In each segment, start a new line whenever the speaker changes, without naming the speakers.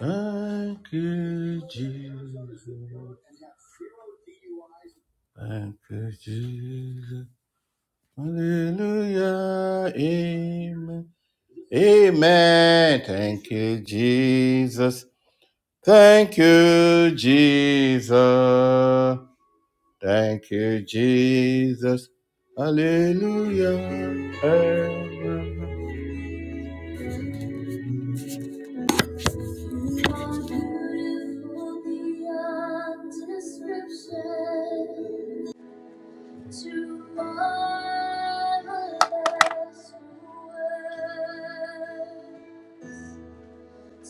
Thank you, Jesus. Thank you, Jesus. Hallelujah. Amen. Amen. Thank you, Jesus. Thank you, Jesus. Thank you, Jesus. Hallelujah. Amen. You beautiful beyond description. to marvelous words,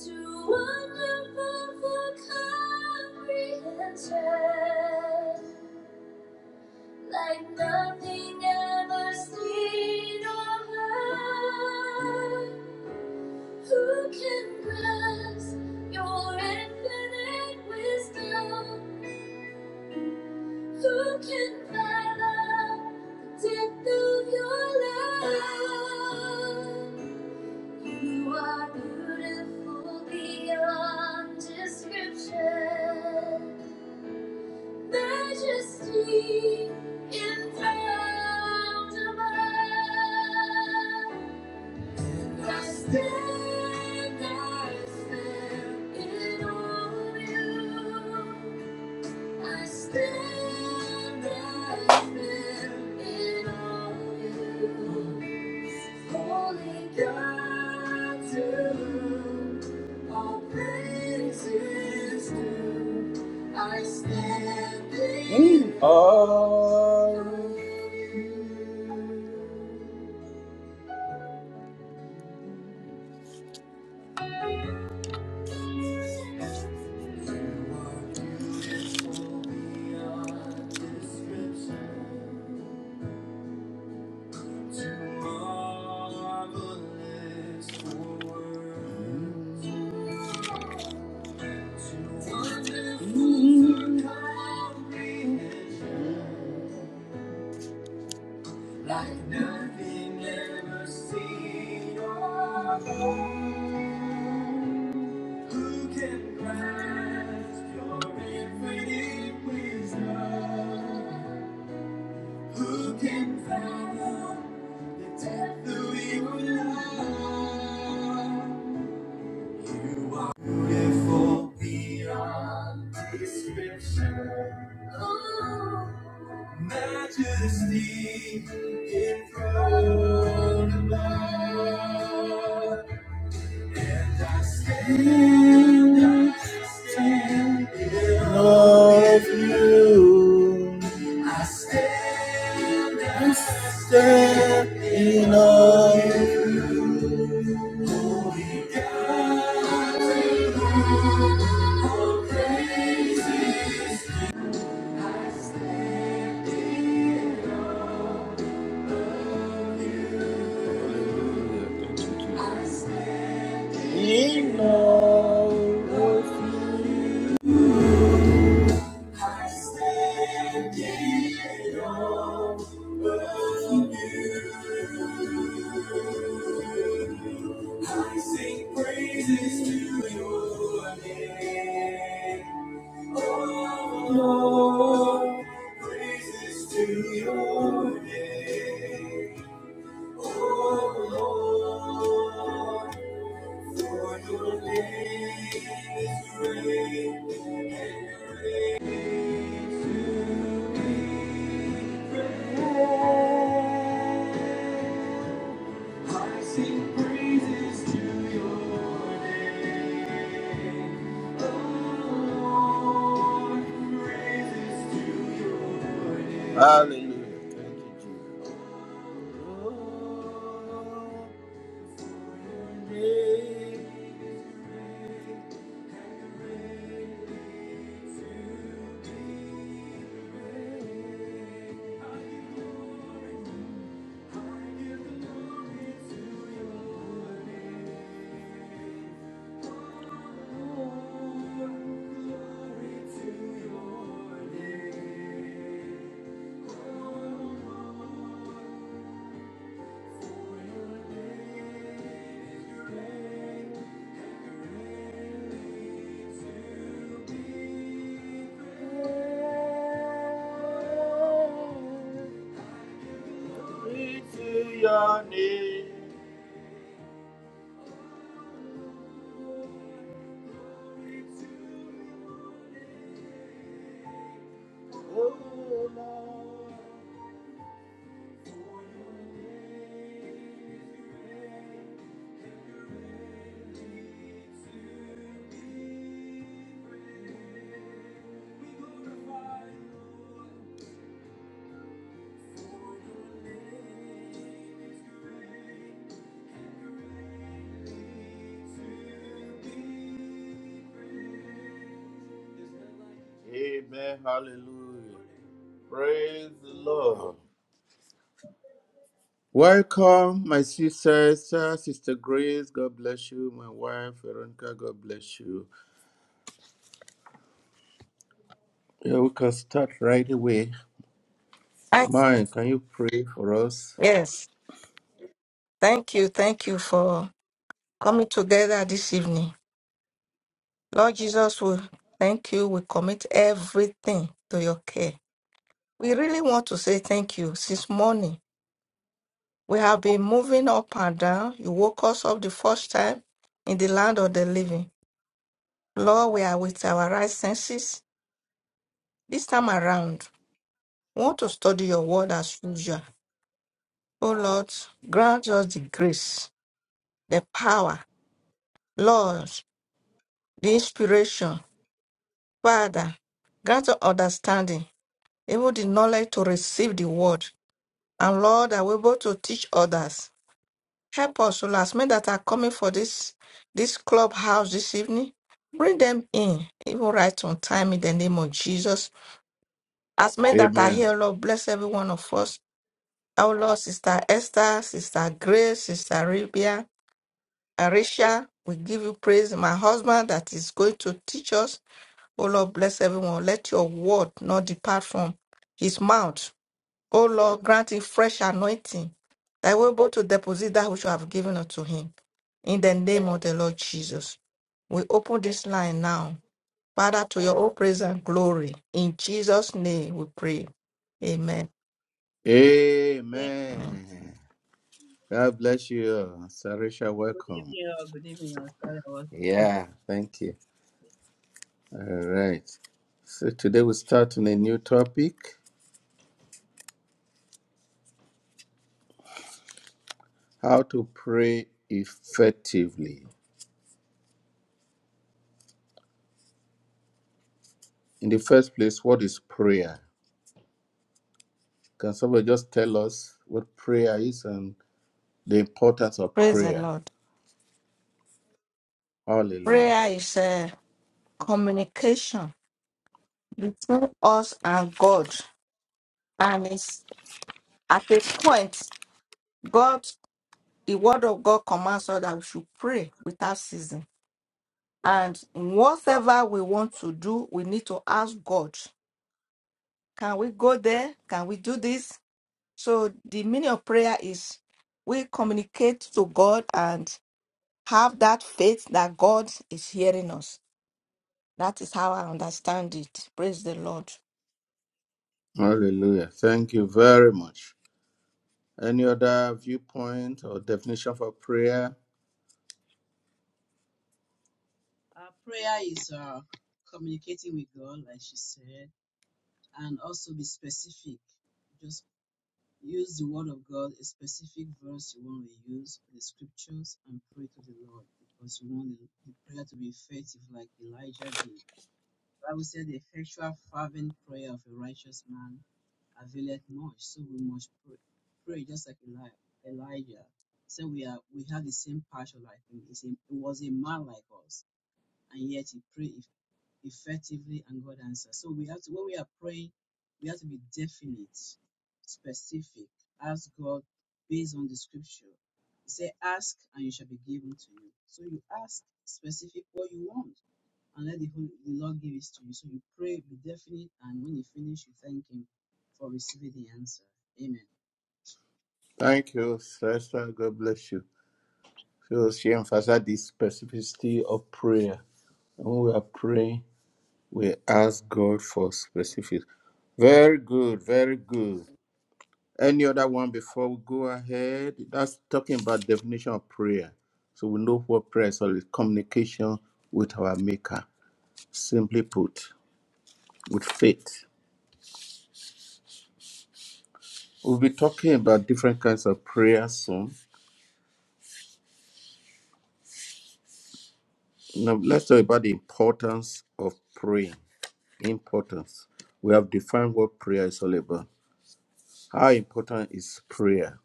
too wonderful for comprehension, like nothing ever seen or heard. Who can grasp your infinite wisdom? Who can fathom the depth of your love? You are beautiful beyond description. Majesty enthroned above. I stand, I stand in awe of you. I stand, I stand in awe of you. Holy God, to whom all praise due. I stand in Mm. of you. Too marvelous for words. too Wonderful for comprehension. Like nothing ever seen or heard. Who can grasp your infinite wisdom? Who can fathom the depth of your love? Oh. Stand in awe. In awe of you. I sing praises to your name. Lord, praises to your name. Oh Lord, for your name is great. and great to be. Hallelujah. Thank you, Jesus. Glory to be glorified, Lord, for your name, O Lord. Amen. Hallelujah. Praise the Lord. Welcome, my sisters, uh, Sister Grace. God bless you. My wife, Veronica. God bless you. Yeah, we can start right away.
Thanks.
Mine, can you pray for us?
Yes. Thank you. Thank you for coming together this evening. Lord Jesus, we thank you. We commit everything to your care. We really want to say thank you since morning. We have been moving up and down. You woke us up the first time in the land of the living. Lord, we are with our right senses. This time around, we want to study your word as usual. Oh Lord, grant us the grace, the power, Lord, the inspiration Father, grant us understanding, even the knowledge to receive the word. And Lord, that we're able to teach others. Help us, O Lord, as men that are coming for this this clubhouse this evening. Bring them in, even right on time in the name of Jesus. As men that are
Amen.
here, Lord, bless every one of us. Our Lord, Sister Esther, Sister Grace, Sister Arabia, Arisha, we give you praise. My husband that is going to teach us. Oh Lord, bless everyone. Let your word not depart from his mouth. Oh Lord, grant him fresh anointing that we're able to deposit that which you have given unto him. In the name of the Lord Jesus. We open this line now. Father, to your own praise and glory. In Jesus' name we pray. Amen.
Hey,
Amen.
Amen. God bless you, Sarisha.
good
Welcome.
evening, or good evening. I'm sorry, I was.
Yeah, thank you. All right. So today we start on a new topic: how to pray effectively. In the first place, what is prayer? Can somebody just tell us what prayer is and the importance of
Praise the
prayer?
Lord.
Hallelujah.
Prayer is a communication between us and God. And it's at a point, God. the word of God commands us that we should pray without ceasing. And whatever we want to do, we need to ask God, can we go there? Can we do this? So the meaning of prayer is we communicate to God and have that faith that God is hearing us. That is how I understand it. Praise the Lord.
Hallelujah. Thank you very much. Any other viewpoint or definition for prayer?
Our prayer is uh, communicating with God, like she said, and also be specific. Just use the word of God, a specific verse you want to use, the scriptures, and pray to the Lord because you want the, the prayer to be effective, like Elijah did. The Bible said the effectual fervent prayer of a righteous man availeth much. So we must pray, pray just like Elijah. So we are we have the same passion like him. He's a, he was a man like us, and yet he prayed effectively, and God answered. So we have to when we are praying, we have to be definite, specific. Ask God based on the scripture. He said, "Ask and you shall be given to you." So you ask specific what you want and let the, Hol- the Lord give it to you. So you pray, be definite, and when you finish, you thank Him for receiving the answer. Amen.
Thank you, Sister. God bless you. So she emphasized the specificity of prayer. And when we are praying, we ask God for specific. Very good, very good. Any other one before we go ahead? That's talking about definition of prayer. So we know what prayer is all is communication with our maker. Simply put, with faith. We'll be talking about different kinds of prayer soon. Now let's talk about the importance of praying. Importance. We have defined what prayer is all about. How important is prayer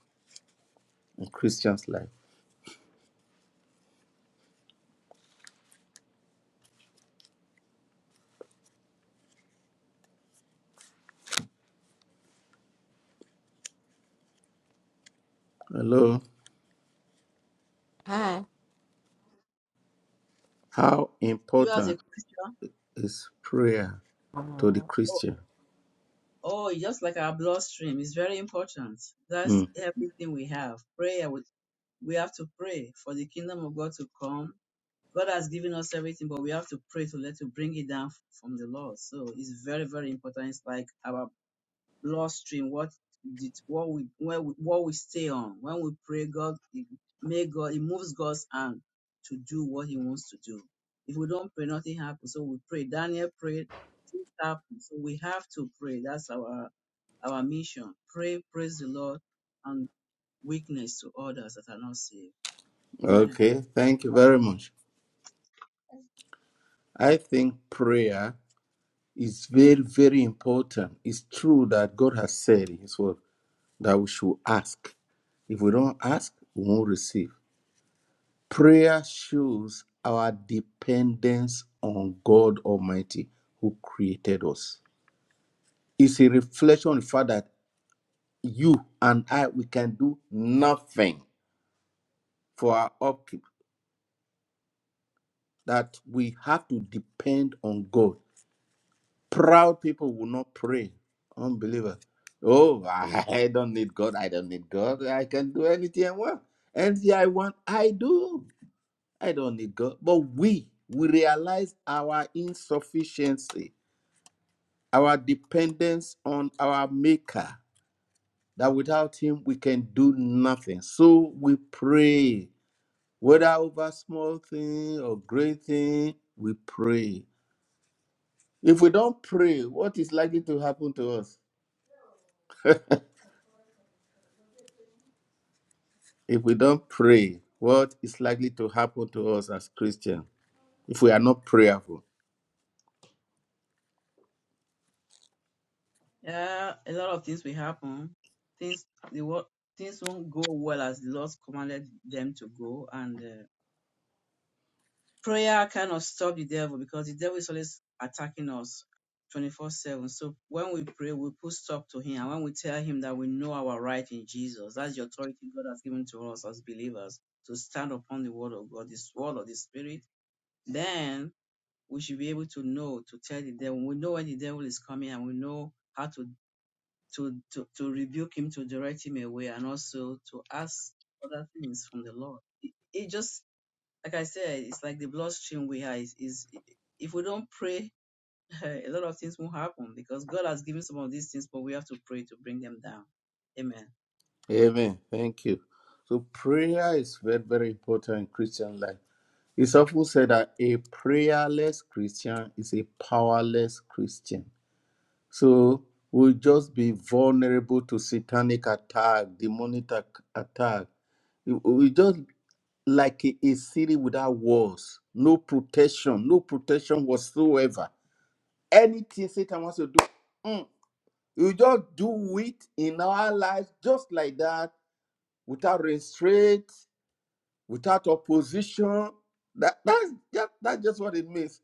in Christian's life? Hello.
Hi.
How
You as a
important
Christian,
is prayer to the
oh,
Christian?
oh, just like our bloodstream, it's very important. That's
Hmm.
everything we have. Prayer, we, we have to pray for the kingdom of God to come. God has given us everything, but we have to pray to let to bring it down from the Lord. So it's very, very important. It's like our Lord stream, what did what we where we, what we stay on. When we pray, God it may God it moves God's hand to do what He wants to do. If we don't pray, nothing happens. So we pray. Daniel prayed, things happened. So we have to pray. That's our our mission. Pray, praise the Lord, and witness to others that are not saved. Amen.
Okay, thank you very much. I think prayer is very, very important. It's true that God has said in His word that we should ask. If we don't ask, we won't receive. Prayer shows our dependence on God Almighty who created us. It's a reflection on the fact that you and I, we can do nothing for our upkeep, that we have to depend on God Proud people will not pray. Unbeliever. Oh, I don't need God. I don't need God. I can do anything I want. Anything I want, I do. I don't need God. But we, we realize our insufficiency, our dependence on our Maker, that without Him we can do nothing. So we pray, whether over small thing or great thing, we pray. If we don't pray, what is likely to happen to us? If we don't pray, what is likely to happen to us as Christians if we are not prayerful?
Yeah, a lot of things will happen. Things the world, things won't go well as the Lord commanded them to go, and uh, prayer cannot stop the devil because the devil is always attacking us 24 7. So when we pray, we put stop to him. And when we tell him that we know our right in Jesus, that's the authority God has given to us as believers to stand upon the word of God, this word of the Spirit, then we should be able to know to tell the devil. We know when the devil is coming and we know how to. To, to, to rebuke him, to direct him away, and also to ask other things from the Lord. It, it just like I said, it's like the bloodstream we are. Is, is if we don't pray, a lot of things won't happen because God has given some of these things, but we have to pray to bring them down. Amen.
Amen. Thank you. So prayer is very, very important in Christian life. It's often said that a prayerless Christian is a powerless Christian. So we'll just be vulnerable to satanic attack, demonic attack. We just like a city without walls, no protection, no protection whatsoever. Anything Satan wants to do, mm, you just do it in our lives just like that, without restraint, without opposition. That that's just, that's just what it means.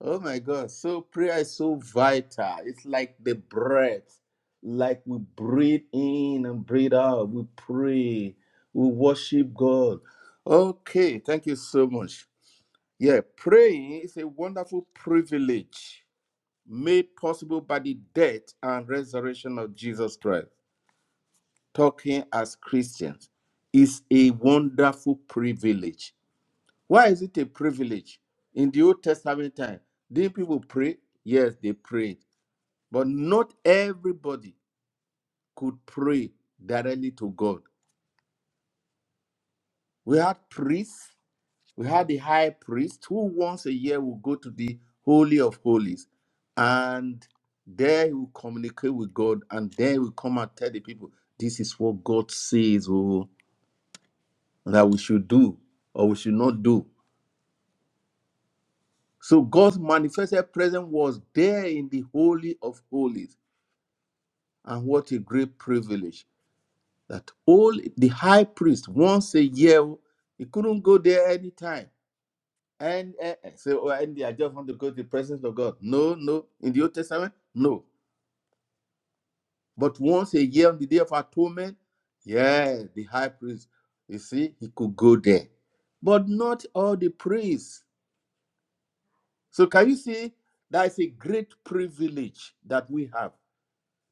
Oh my God! So prayer is so vital. It's like the breath, like we breathe in and breathe out. We pray. We worship God. Okay, thank you so much. Yeah, praying is a wonderful privilege made possible by the death and resurrection of Jesus Christ, talking as Christians, is a wonderful privilege. Why is it a privilege? In the Old Testament time, did people pray? Yes, they prayed. But not everybody could pray directly to God. We had priests We had the high priest who once a year will go to the Holy of Holies and there he will communicate with God and there he will come and tell the people, this is what God says oh, that we should do or we should not do. So God's manifested presence was there in the Holy of Holies. And what a great privilege that all the high priest once a year, he couldn't go there anytime And, and and say, oh, Andy, I just want to go to the presence of God. No, no. In the Old Testament, no. But once a year on the day of atonement, yeah, the high priest, you see, he could go there. But not all the priests. So can you see that is a great privilege that we have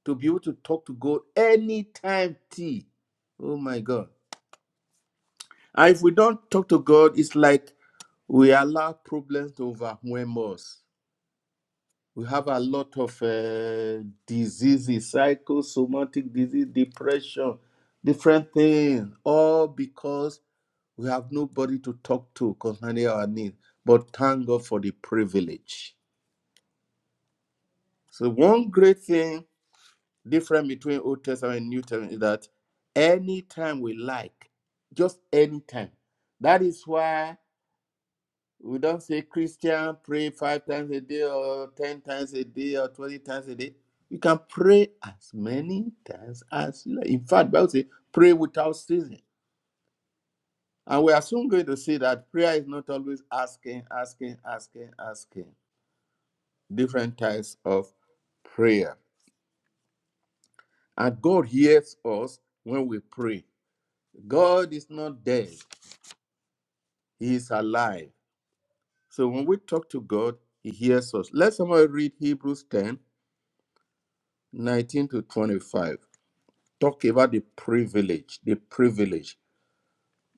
to be able to talk to God anytime T. Oh my God. And if we don't talk to God, it's like we allow problems to overwhelm us. We have a lot of uh, diseases, psychosomatic disease, depression, different things, all because we have nobody to talk to concerning our needs. But thank God for the privilege. So, one great thing different between Old Testament and New Testament is that anytime we like, just anytime. That is why We don't say Christian pray five times a day or ten times a day or twenty times a day. You can pray as many times as you like. In fact, Bible says pray without ceasing. And we are soon going to see that prayer is not always asking, asking, asking, asking. Different types of prayer. And God hears us when we pray. God is not dead, He is alive. So when we talk to God, He hears us. Let somebody read Hebrews 10 19 to 25 talk about the privilege the privilege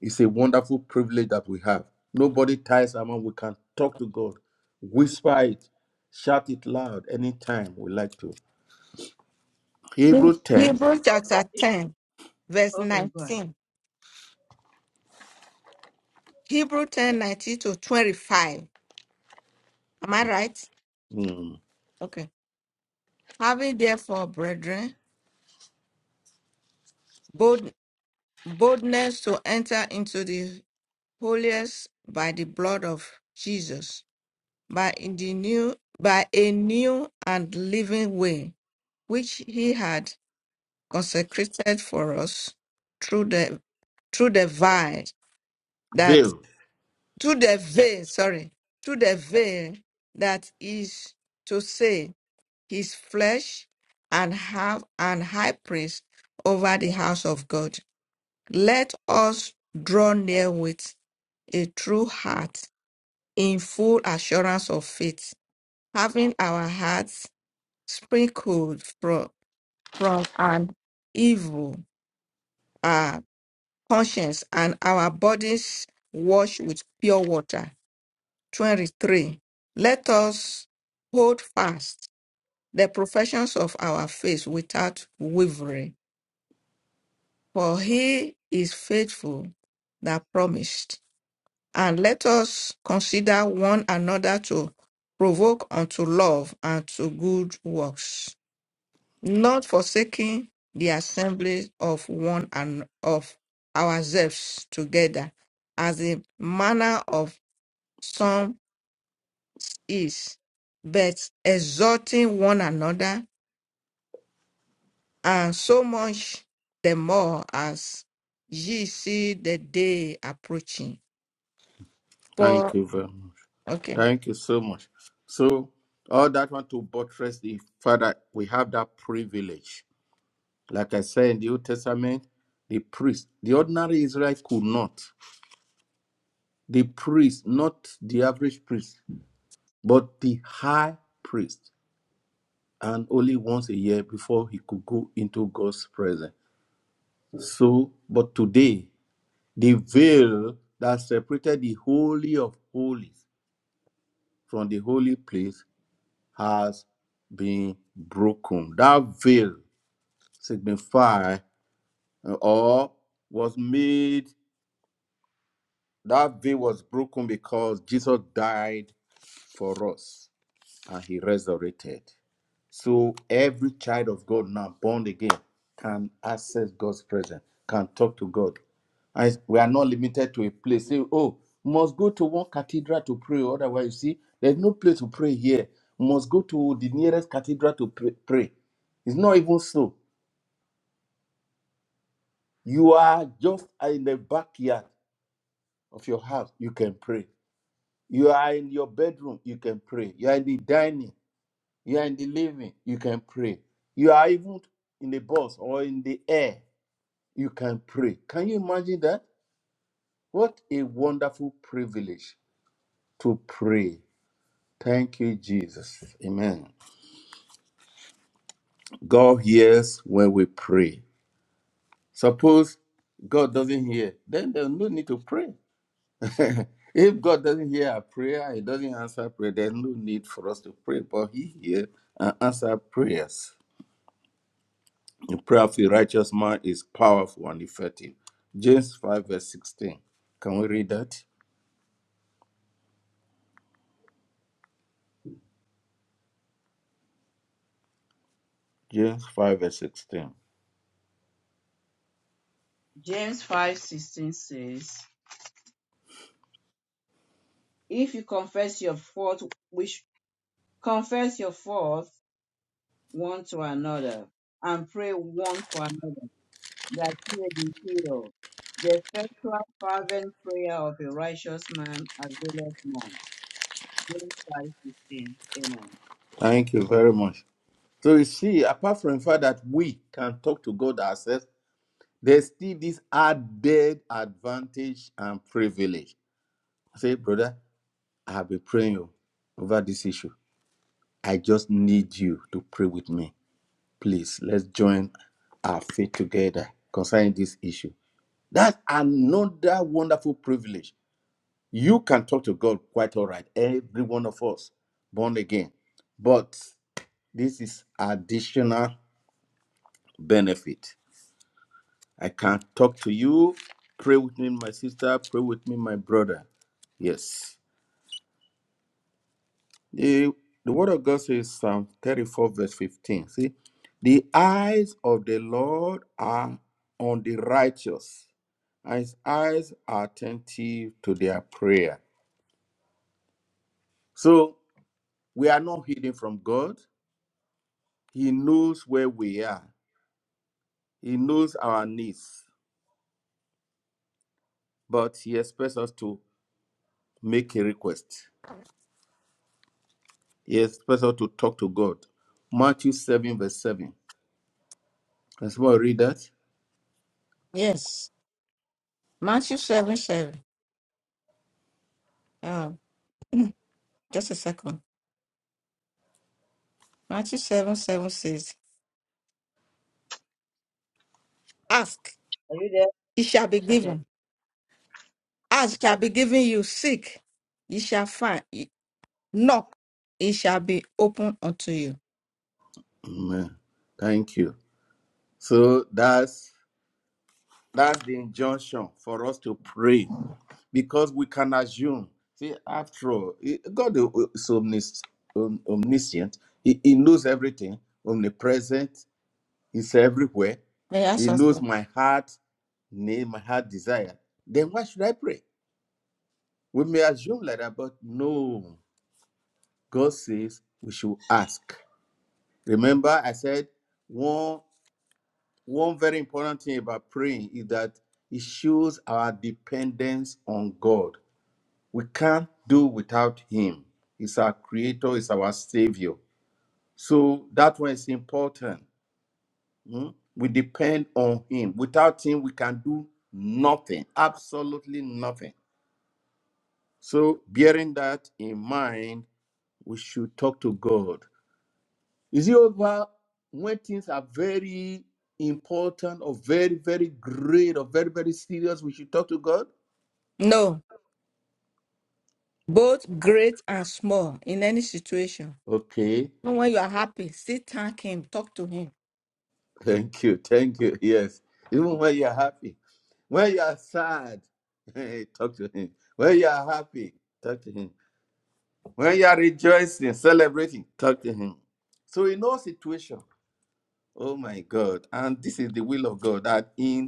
is a wonderful privilege that we have nobody ties our mouth. we can talk to god whisper it shout it loud anytime we like to hebrew 10
Hebrew chapter 10, verse
Okay, go ahead.
19. Hebrew 10, nineteen to 25. Am I right?
mm,
Okay. Having therefore, brethren, bold, boldness to enter into the holiest by the blood of Jesus, by in the new, by a new and living way, which He had consecrated for us through the through the veil that
veil
through the veil, sorry, through the veil that is to say His flesh, and have an high priest over the house of God Let us draw near with a true heart in full assurance of faith, having our hearts sprinkled from, from an evil uh, conscience and our bodies washed with pure water. 23. Let us hold fast the professions of our faith without wavering, for he is faithful that promised. And let us consider one another to provoke unto love and to good works, not forsaking the assembly of one and of ourselves together, as the manner of some is, but exhorting one another, and so much the more as ye see the day approaching.
thank
For
you very much
okay,
thank you so much so all that want to buttress the father we have that privilege like i said in the old testament the priest the ordinary israelite could not the priest, not the average priest, but the high priest, and only once a year before he could go into God's presence. So, but today, the veil that separated the Holy of Holies from the holy place has been broken. That veil signifies or was made, that veil was broken because Jesus died for us and he resurrected. So every child of God now born again can access God's presence, can talk to God. And we are not limited to a place. Say, oh, must go to one cathedral to pray. Otherwise, you see, there's no place to pray here. Must go to the nearest cathedral to pray. pray. It's not even so. You are just in the backyard of your house, you can pray. You are in your bedroom, you can pray. You are in the dining. You are in the living, you can pray. You are even in the bus or in the air, you can pray. Can you imagine that? What a wonderful privilege to pray. Thank you, Jesus. Amen. God hears when we pray. Suppose God doesn't hear, then there's no need to pray. if God doesn't hear our prayer, He doesn't answer prayer, there's no need for us to pray, but He hears and answers prayers. The prayer of a righteous man is powerful and effective. James 5, verse 16. Can we read that? James 5, verse 16.
James five sixteen says, "If you confess your fault, which confess your fault one to another, and pray one for another, that you may be healed. The effectual fervent prayer of a righteous man availeth much." James five sixteen. Amen.
Thank you very much. So you see, apart from the fact that we can talk to God ourselves, there's still this added advantage and privilege. I say, brother, I have been praying you over this issue. I just need you to pray with me. Please, let's join our faith together concerning this issue. That's another wonderful privilege You can talk to God quite all right, every one of us born again. But this is additional benefit. I can talk to you, pray with me, my sister, pray with me, my brother. Yes. The, the word of God says, Psalm 34, verse 15. See, the eyes of the Lord are on the righteous, and his eyes are attentive to their prayer. So we are not hidden from God. He knows where we are. He knows our needs, but He expects us to make a request. He expects us to talk to God. Matthew 7, verse 7. Can someone read that?
yes, Matthew seven seven. Ah. Just a second. Matthew 7 7 says, Ask,
Are you there?
it shall be
Okay.
given. Ask it shall be given you. Seek, ye shall find. Ye- Knock, it shall be opened unto you.
Amen. Thank you. So that's that's the injunction for us to pray because we can assume. See, after all, eh, God is omnis- omniscient. He, he knows everything, omnipresent. He's everywhere.
May I ask
He
us?
knows my heart. nay my heart desire, then why should I pray? We may assume like that, but no. God says we should ask. Remember, I said one one very important thing about praying is that it shows our dependence on God. We can't do without Him. He's our creator, He's our savior. So that one is important. hmm? We depend on Him. Without Him, we can do nothing, absolutely nothing. So, bearing that in mind, we should talk to God. Is it over when things are very important or very, very great or very, very serious? We should talk to God?
No, both great and small, in any situation.
Okay.
Even when you are happy, still thank Him, talk to Him.
Thank you. Thank you. Yes. Even when you're happy, when you're sad, hey, talk to Him. When you're happy, talk to Him. When you're rejoicing, celebrating, talk to Him. So, in all situations, oh my God, and this is the will of God that in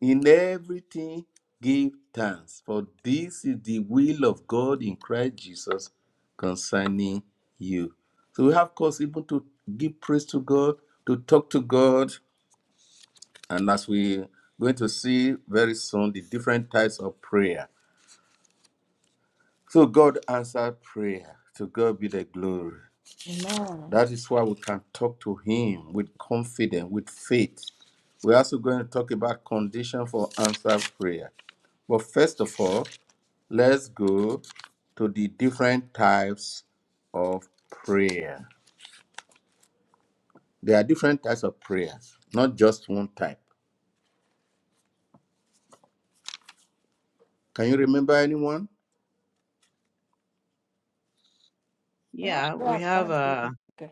In everything, give thanks, for this is the will of God in Christ Jesus concerning you. So we have cause even to give praise to God, to talk to God, and as we're going to see very soon, the different types of prayer. So God answered prayer. To God be the glory.
Amen.
That is why we can talk to Him with confidence, with faith. We're also going to talk about condition for answered prayer. But first of all, Let's go to the different types of prayer. There are different types of prayers, not just one type. Can you remember anyone?
Yeah,
Yeah, we
prayer and
have uh,
thanksgiving. Okay.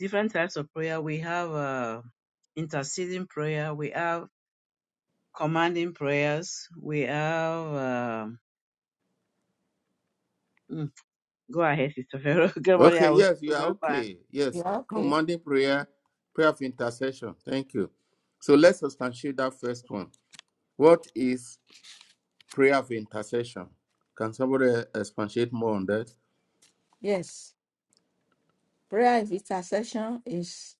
different types of prayer. We have uh, interceding prayer. We have commanding prayers. We have. Uh, mm, go ahead, Sister Pharaoh. Good morning.
Okay,
I will
yes, you are okay. Yes,
Yeah, okay.
commanding prayer, prayer of intercession. Thank you. So let's substantiate that first one. What is prayer of intercession? Can somebody expatiate more on that?
Yes. Prayer is intercession is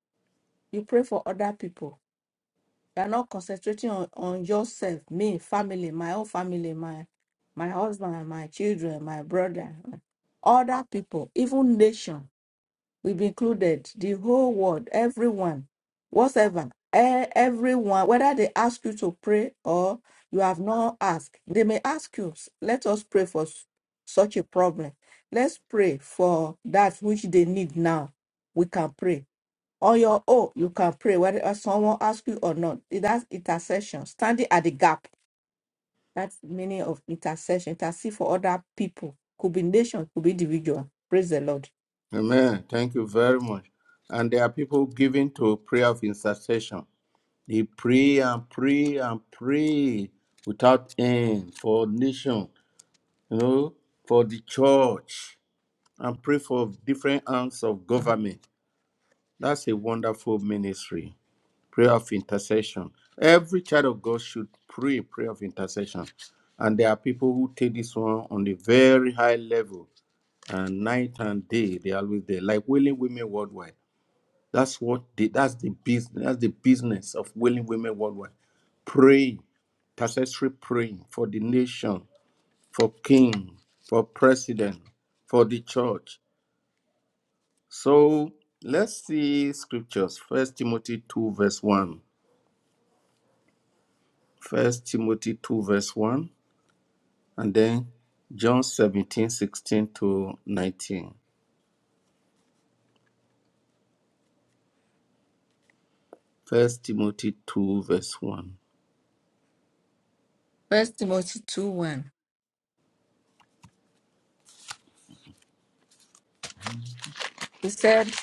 you pray for other people. You are not concentrating on, on yourself, me, family, my own family, my my husband, my children, my brother, other people, even nation. will be included. The whole world, everyone, whatever, e- everyone, whether they ask you to pray or you have not asked, they may ask you, let us pray for s- such a problem. Let's pray for that which they need now. We can pray. On your own, you can pray, whether uh, someone asks you or not. That's intercession, standing at the gap. That's the meaning of intercession. Intercede for other people. Could be nation, could be individual. Praise the Lord.
Amen. Thank you very much. And there are people giving to prayer of intercession. They pray and pray and pray without end for nation, you know, for the church, and pray for different arms of government. That's a wonderful ministry. Prayer of intercession. Every child of God should pray prayer of intercession. And there are people who take this one on the very high level, and night and day they are always there, like willing women worldwide that's what they, that's the business. That's the business of willing women worldwide. Praying, intercessory praying for the nation, for king, for president, for the church. So let's see scriptures. First Timothy two verse one. First Timothy two verse one, and then John 17 16 to 19. First Timothy two verse one.
First Timothy 2 1. He said,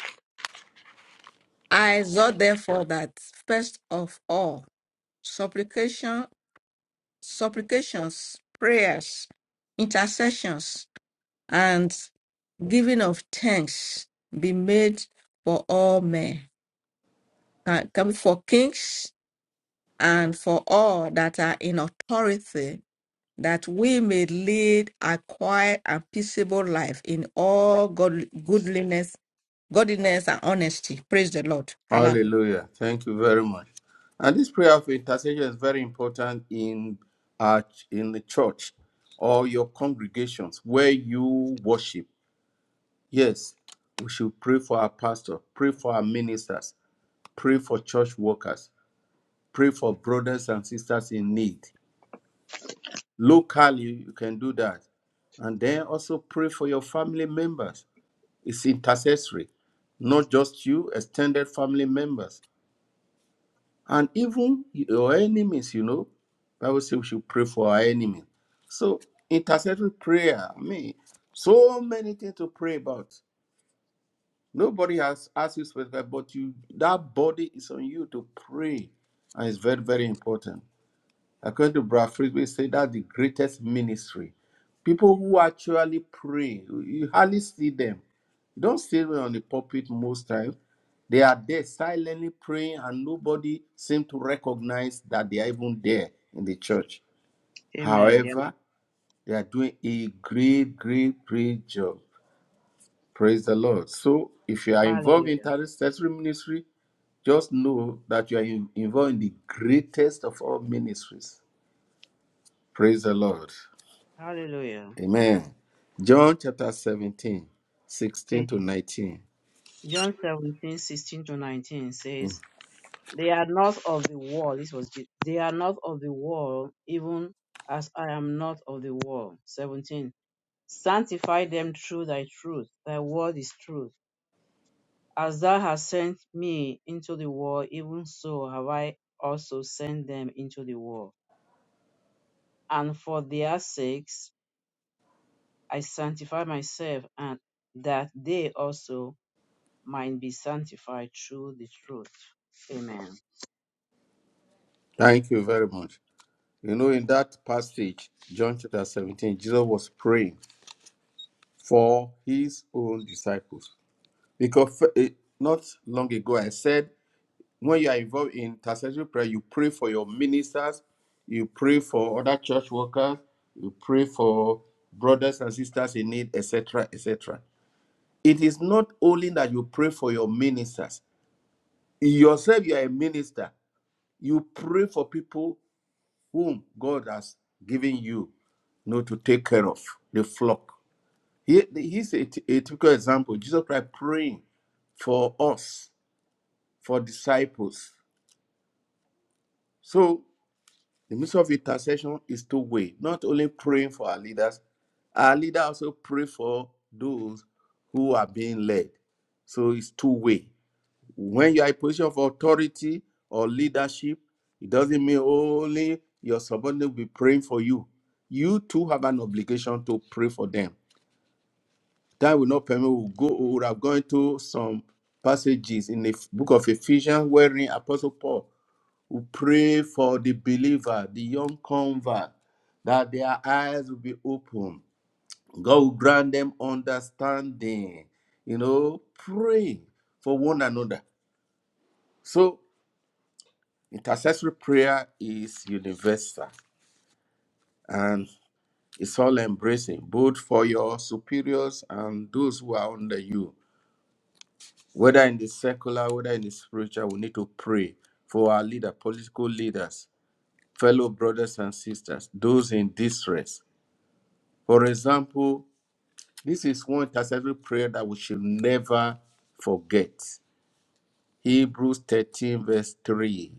I exhort therefore that first of all, supplication, supplications, prayers, intercessions, and giving of thanks be made for all men, can- can- for kings and for all that are in authority, that we may lead a quiet and peaceable life in all god- goodliness, godliness and honesty. Praise the Lord. Hallelujah.
Hallelujah. Thank you very much. And this prayer of intercession is very important in uh, in the church or your congregations where you worship. Yes, we should pray for our pastor, pray for our ministers, pray for church workers, pray for brothers and sisters in need. Locally, you can do that. And then also pray for your family members. It's intercessory, not just you, extended family members. And even your enemies, you know, Bible says we should pray for our enemies. So intercessory prayer, I mean, so many things to pray about. Nobody has asked you specifically, but you that body is on you to pray. And it's very, very important. According to Brad Frisbee, say that's the greatest ministry. People who actually pray, you hardly see them you don't see them on the pulpit most times. They are there silently praying, and nobody seems to recognize that they are even there in the church.
Amen. Yeah.
However, they are doing a great, great, great job. Praise the Lord. So, if you are involved in
Hallelujah.
intercessory ministry, just know that you are in- involved in the greatest of all ministries. Praise the Lord.
Hallelujah.
Amen. John chapter 17, 16
Okay.
to 19.
John seventeen sixteen to 19 says, They are not of the world. This was, Je- they are not of the world, even as I am not of the world. 17 Sanctify them through thy truth. Thy word is truth. As thou hast sent me into the world, even so have I also sent them into the world. And for their sakes I sanctify myself, and that they also might be sanctified through the truth. Amen.
Thank you very much. You know, in that passage, John chapter 17, Jesus was praying for his own disciples. Because eh, not long ago, I said, when you are involved in intercessory prayer, you pray for your ministers, you pray for other church workers, you pray for brothers and sisters in need, etc., etc. It is not only that you pray for your ministers, yourself, you are a minister. You pray for people whom God has given you you know, to take care of the flock. He, he's a, a typical example. Jesus Christ praying for us, for disciples. So the ministry of intercession is two way. Not only praying for our leaders, our leader also pray for those who are being led. So it's two way. When you are in a position of authority or leadership, it doesn't mean only your subordinate will be praying for you. You too have an obligation to pray for them That will not permit. We will go. We would have gone to some passages in the f- book of Ephesians wherein Apostle Paul will pray for the believer, the young convert, that their eyes will be open. God will grant them understanding. You know, pray for one another. So intercessory prayer is universal and it's all embracing, both for your superiors and those who are under you. whether in the secular, whether in the spiritual, we need to pray for our leader, political leaders, fellow brothers and sisters, those in distress. For example, this is one intercessory prayer that we should never forget. Hebrews 13, verse 3.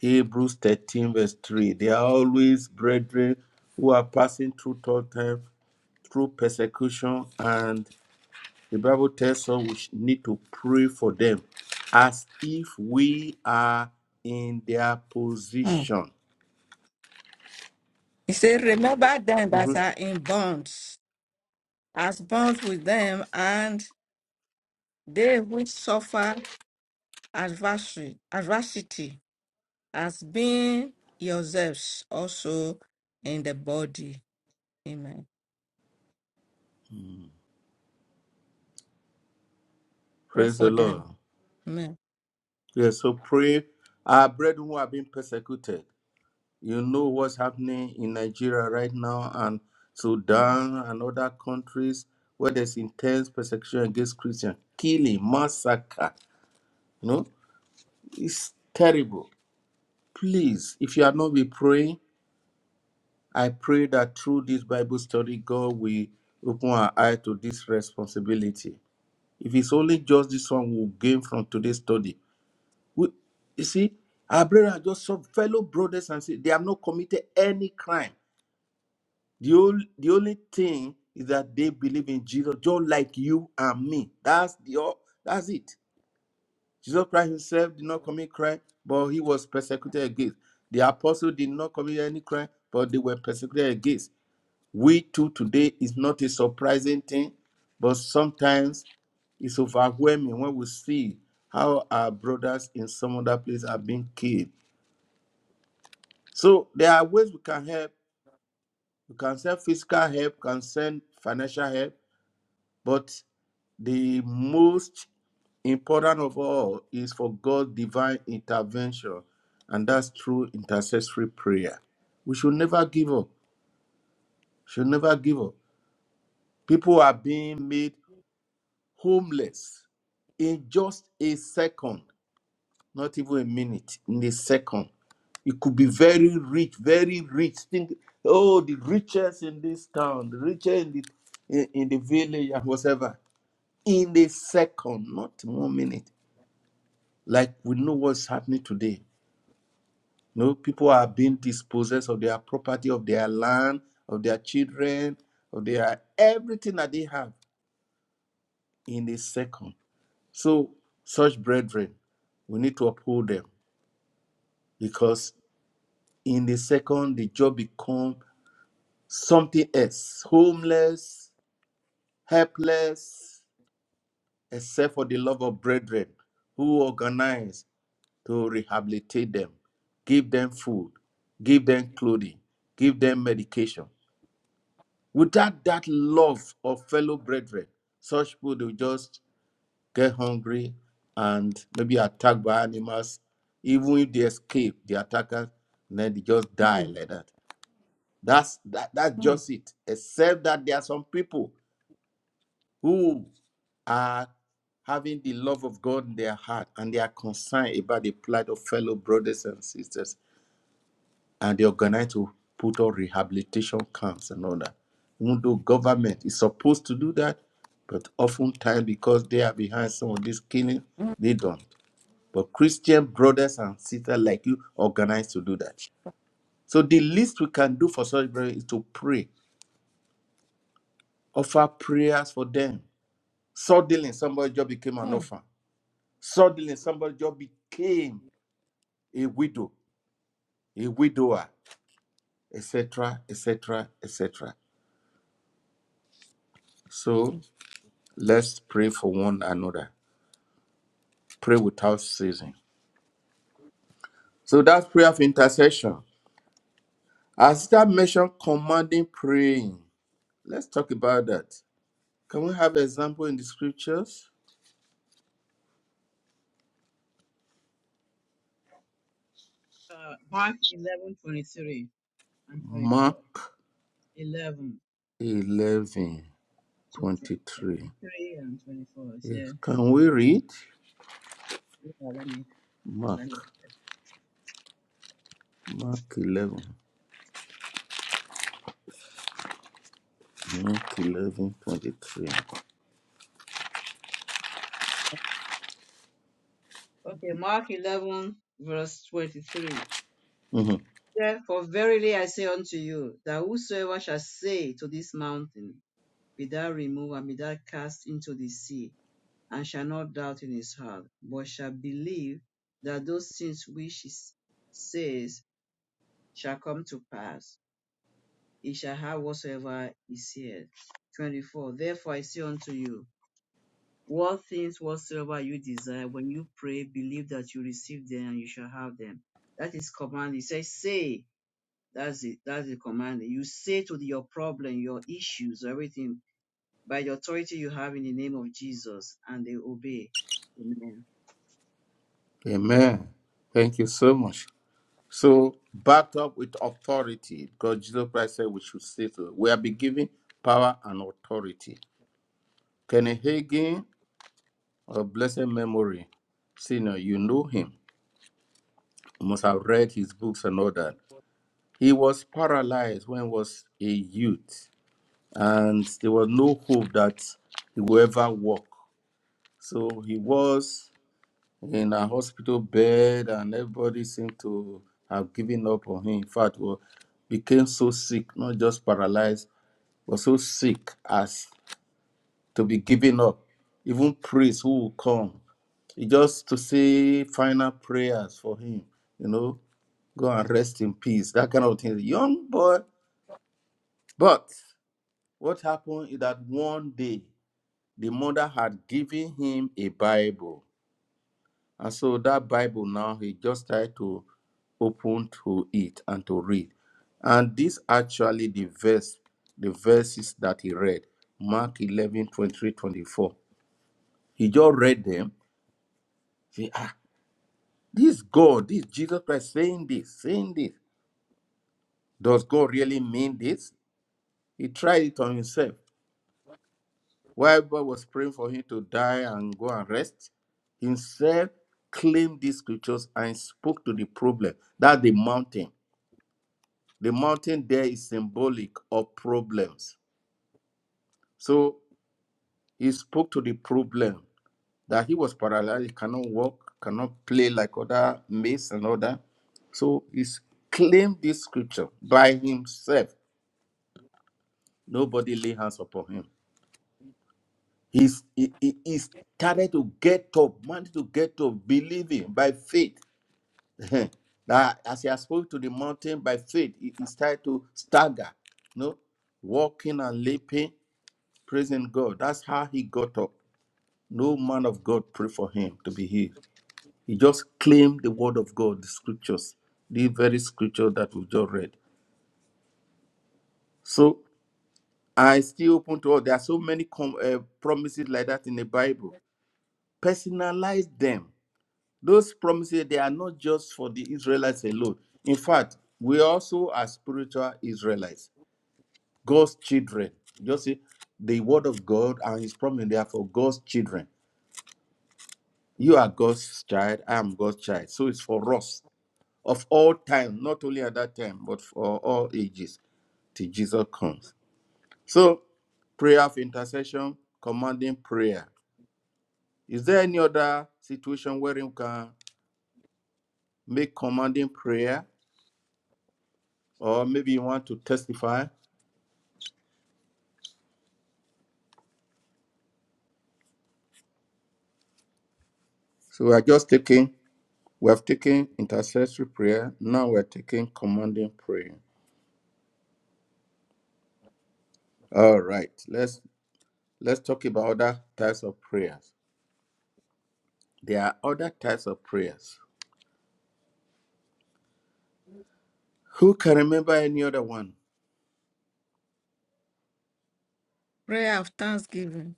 Hebrews 13, verse 3. They are always brethren who are passing through tough time, through persecution and The Bible tells us we need to pray for them as if we are in their
Hmm.
position.
He said, Remember them that are in bonds, as bonds with them, and they which suffer adversary, adversity, as being yourselves also in the body. Amen. Pray
Praise
for
the Lord.
them. Amen.
Yes, so pray. Our brethren who are being persecuted, you know what's happening in Nigeria right now and Sudan and other countries where there's intense persecution against Christians, killing, massacre. You know, it's terrible. Please, if you have not been praying, I pray that through this Bible study, God will open our eye to this responsibility. If it's only just this one we'll gain from today's study. We, you see, our brethren are just some fellow brothers and sisters. They have not committed any crime. The only, the only thing is that they believe in Jesus, just like you and me. That's the all, that's it. Jesus Christ himself did not commit crime, but he was persecuted against. The apostles did not commit any crime, but they were persecuted against. We too today is not a surprising thing, but sometimes it's overwhelming when we see how our brothers in some other place are being killed. So there are ways we can help. We can send physical help, can send financial help, but the most important of all is for God's divine intervention, and that's through intercessory prayer. We should never give up. Should never give up. People are being made homeless in just a second, not even a minute, in a second. You could be very rich, very rich. Think, oh, the richest in this town, the richest in the in, in the village and whatever. In a second, not one minute. Like we know what's happening today. You know, people are being dispossessed of their property, of their land, of their children, of their everything that they have in a second So, such brethren, we need to uphold them because in the second, the job becomes something else homeless, helpless, except for the love of brethren who organize to rehabilitate them, give them food, give them clothing, give them medication. Without that love of fellow brethren, such people will just get hungry, and maybe attacked by animals. Even if they escape the attackers, then they just die
Hmm,
like that. That's that, that's
hmm,
just it. Except that there are some people who are having the love of God in their heart and they are concerned about the plight of fellow brothers and sisters, and they organize to put on rehabilitation camps and all that. Even though government is supposed to do that, but oftentimes because they are behind some of this killing, they don't. But Christian brothers and sisters like you organize to do that. So the least we can do for such brothers is to pray, offer prayers for them. Suddenly, somebody just became an
hmm,
orphan. Suddenly, somebody just became a widow, a widower, etc., etc., etc. So
hmm.
let's pray for one another. Pray without ceasing. So that's prayer of intercession. As that mentioned, commanding praying. Let's talk about that. Can we have example in the scriptures?
Uh, Mark 11:23 and
Mark
24. 11
11
to
twenty
tw-
three.
23 and 24. It says, Yeah.
Yes. Can we read?
Let Let me. let me.
Mark. Mark 11. Mark eleven twenty three. 23.
Okay, Mark 11, verse 23.
Mhm.
Therefore, verily I say unto you, that whosoever shall say to this mountain, Be thou removed, and be thou cast into the sea, and shall not doubt in his heart, but shall believe that those things which he s- says shall come to pass, he shall have whatsoever he saith. 24. Therefore I say unto you, What things whatsoever you desire, when you pray, believe that you receive them and you shall have them. That is command. It says, say. That's it. That's the command. You say to your problem, your issues, everything by the authority you have in the name of Jesus, and they obey. Amen.
Amen. Thank you so much. So, backed up with authority, because Jesus Christ said we should say so. We have been given power and authority. Kenny Hagin, of blessed memory, senior, you know him. You must have read his books and all that. He was paralyzed when he was a youth and there was no hope that he would ever walk. So he was in a hospital bed, and everybody seemed to have given up on him. In fact, was became so sick, not just paralyzed, but so sick as to be given up. Even priests who would come, it just to say final prayers for him, you know, go and rest in peace, that kind of thing. Young boy. But what happened is that one day the mother had given him a Bible. And so that Bible now he just tried to open to it and to read. And this actually the verse, the verses that he read, Mark 11 23 24. He just read them. Say, ah, this God, this Jesus Christ saying this, saying this. Does God really mean this? He tried it on himself. While God was praying for him to die and go and rest, himself claimed these scriptures and spoke to the problem. That's the mountain. The mountain there is symbolic of problems. So he spoke to the problem that he was paralyzed, he cannot walk, cannot play like other mates and other. So he claimed this scripture by himself. Nobody lay hands upon him. He's, he, he he started to get up, wanted to get up, believing by faith. now, as he has spoken to the mountain by faith, he, he started to stagger, no, walking and leaping, praising God. That's how he got up. No man of God prayed for him to be healed. He just claimed the word of God, the scriptures, the very scripture that we just read. So I still open to all. There are so many com- uh, promises like that in the Bible. Personalize them Those promises, they are not just for the Israelites alone. In fact, we also are spiritual Israelites, God's children. Just see, the word of God and his promise, they are for God's children. You are God's child, I am God's child. So it's for us of all time, not only at that time, but for all ages till Jesus comes. So, prayer of intercession, commanding prayer. Is there any other situation where you can make commanding prayer? or maybe you want to testify. So we are just taking, we have taken intercessory prayer. Now we're taking commanding prayer. All right, let's let's talk about other types of prayers. There are other types of prayers. Who can remember any other one?
Prayer of thanksgiving.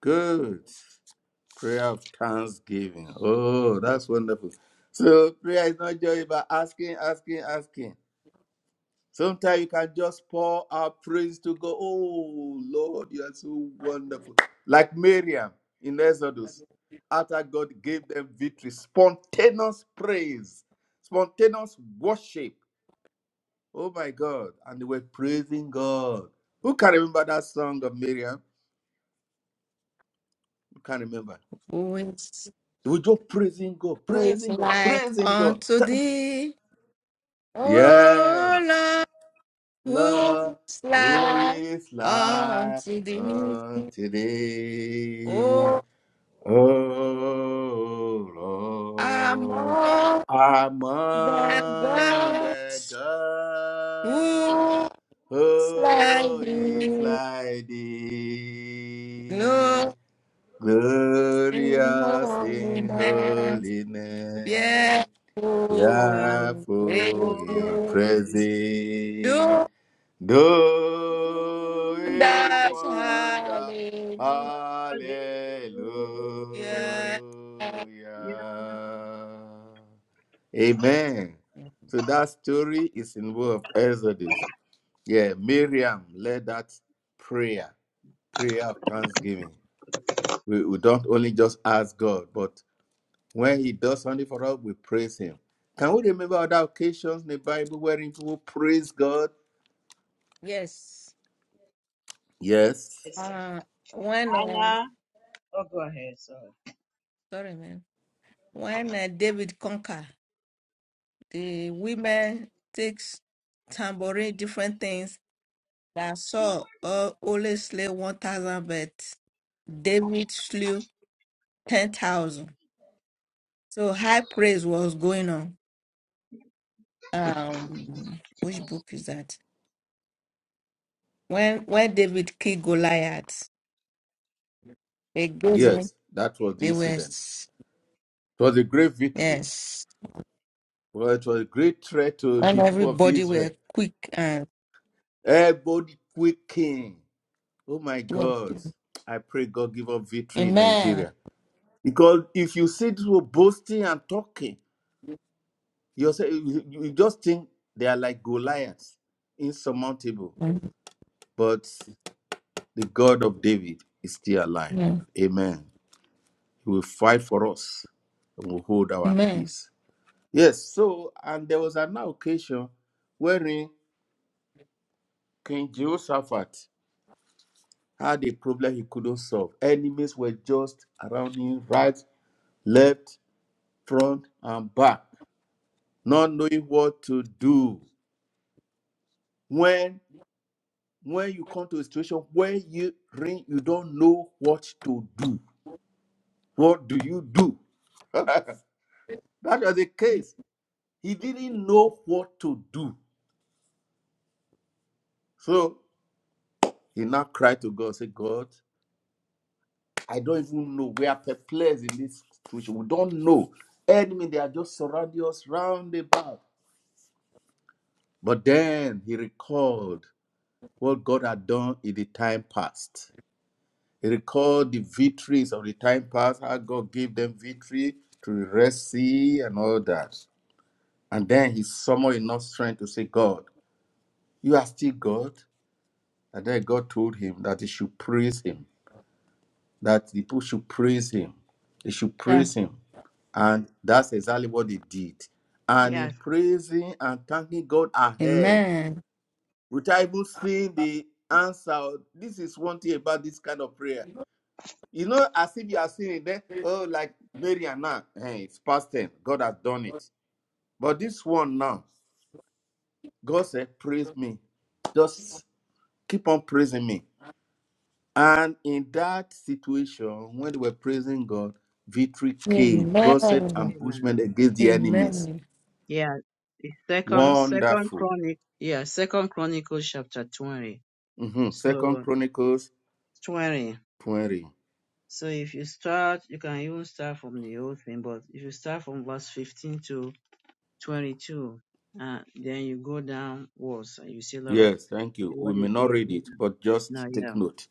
Good. Prayer of thanksgiving. Oh, that's wonderful. So prayer is not just about asking, asking, asking. Sometimes you can just pour out praise to God. Oh Lord, you are so wonderful. Like Miriam in Exodus, after God gave them victory, spontaneous praise, spontaneous worship. Oh my God. And they were praising God. Who can remember that song of Miriam? Who can remember?
Who is,
They were just praising God,
who is
praising God,
like
praising God.
unto thee? O
Yes.
Lord,
Love,
who is
who
like
is like
unto thee?
unto thee?
O
Oh Lord,
among
our
the
mother
gods,
God,
who is like
who is
thee?
like thee?
Glory in
Glorious in
holiness,
holiness,
fearful in
fearful in
praises.
praises. Do a
us.
wonder.
Hallelujah.
Hallelujah. Amen. So that story is in book of Exodus. Yeah, Miriam led that prayer, prayer of thanksgiving. We, we don't only just ask God, but when He does something for us, we praise Him. Can we remember other occasions in the Bible wherein people praise God?
Yes.
Yes.
Yes.
Uh, when uh,
Anna, oh, go ahead. Sorry.
sorry, man. When uh, David conquer, the women takes tambourine different things that Saul uh, only slew 1,000, but David slew 10,000. So high praise was going on. Um, which book is that? When when David killed Goliath, they gave him,
Yes, that was the
they were,
incident.
s-
It was a great victory.
yes,
Well, it was a great threat to
and
the people of
everybody were
Israel.
quick and,
Everybody quaking. Oh my
yes.
God. I pray God give us victory in
amen.
Nigeria. Because if you see these people boasting and talking, you say- you you just think they are like Goliath, insurmountable. But the God of David is still alive.
Amen.
Amen. He will fight for us and will hold our
Amen.
peace. Yes, so, and there was an occasion wherein King Jehoshaphat had a problem he couldn't solve. Enemies were just around him, right, left, front, and back, not knowing what to do. When when you come to a situation where you ring, you don't know what to do. What do you do? that was the case. He didn't know what to do. So he now cried to God, say, God, I don't even know. We are perplexed in this situation. We don't know. Enemy, they are just surrounding us round about. But then he recalled what God had done in the time past. He recalled the victories of the time past, how God gave them victory through the Red Sea and all that. And then he summoned enough strength to say, God, you are still God. And then God told him that he should praise him, that the people should praise him. They should
Yeah.
praise him And that's exactly what they did. And
Yes.
in praising and thanking God ahead,
Amen.
without even seeing the answer, this is one thing about this kind of prayer. You know, as if you are seeing it there, oh, like Mary and now, hey, it's past 10. God has done it. But this one now, God said, Praise me. Just keep on praising me. And in that situation, when they were praising God, victory came. God said,
Amen.
Amen.
ambushment against the enemies.
Amen.
Yeah, the second second
Wonderful.
chronic yeah, second chronicles chapter twenty.
hmm Second
So
Chronicles
twenty.
20.
So if you start you can even start from the old thing, but if you start from verse fifteen to twenty two, uh then you go downwards and you see a lot of
Yes, thank you. We
what
may
you
not
did.
read it, but
Now
just take
yeah.
note.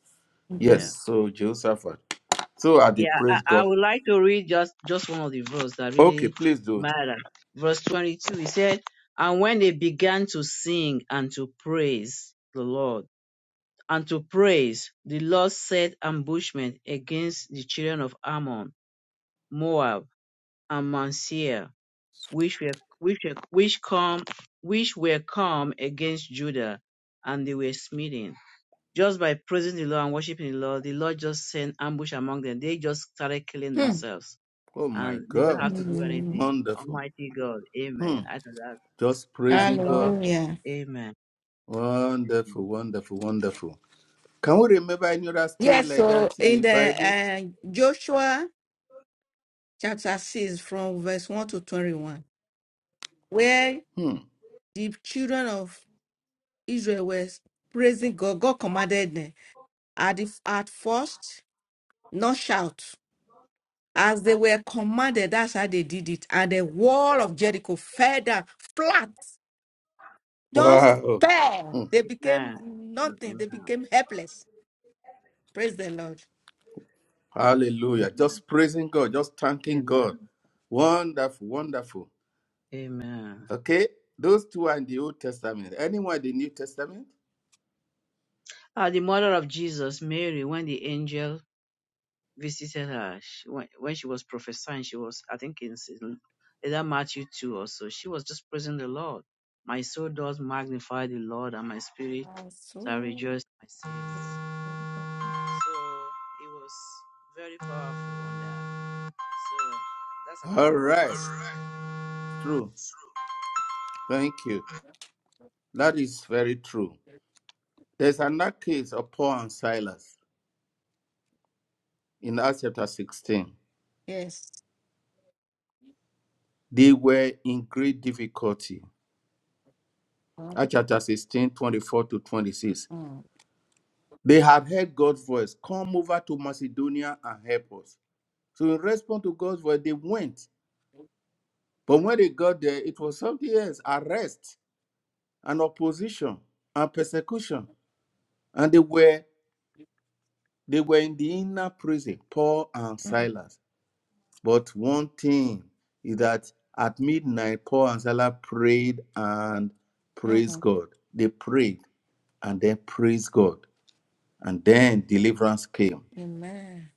Yes,
Yeah.
Hmm.
so Jehoshaphat. So are they
Yeah,
praise
I, I
God.
would like to read just just one of the verse that
Okay,
really
please do.
matter. Verse twenty two, he said, And when they began to sing and to praise the Lord and to praise, the Lord set ambushment against the children of Ammon, Moab, and Mount Seir, which were which were which come which were come against Judah, and they were smitten. Just by praising the Lord and worshiping the Lord, the Lord just sent ambush among them. They just started killing themselves,
Oh my
and they don't
God.
have to do
Hmm.
anything.
Wonderful.
Almighty God,
Hmm.
Amen. I think that
Just
that's
praising God.
powerful.
Hallelujah.
Amen. Amen.
Wonderful, wonderful, wonderful. Can we remember any other story
Yes,
like
so
that in
in
the
the
Bible?
uh, Joshua chapter 6, from verse 1 to 21, where
Hmm.
the children of Israel were praising God, God commanded them at, the, at first, not shout. As they were commanded, that's how they did it. And the wall of Jericho fell down flat, just
Wow.
fell.
Hmm.
They became
Amen.
nothing, they
Amen.
became helpless. Praise the Lord.
Hallelujah. Just praising God, just thanking God.
Amen.
Wonderful, wonderful.
Amen.
Okay, those two are in the Old Testament. Anyone in the New Testament?
Uh, the mother of Jesus, Mary, when the angel visited her, she, when, when she was prophesying, she was, I think, in S- either Matthew 2 or so, she was just praising the Lord. My soul does magnify the Lord, and my spirit
And
shall
so-
rejoice. in My Savior." so it was very powerful on that. So that's
All
another
right,
one.
true. Thank you. That is very true. There's another case of Paul and Silas in Acts chapter 16.
Yes.
They were in great difficulty. Acts chapter 16 24 to 26.
Mm.
They had heard God's voice, come over to Macedonia and help us. So in response to God's voice, they went. But when they got there, it was something else, arrest and opposition and persecution. And they were They were in the inner prison, Paul and
Mhm.
Silas. But one thing is that at midnight, Paul and Silas prayed and praised
Mhm.
God. They prayed and then praised God. And then deliverance came.
Amen.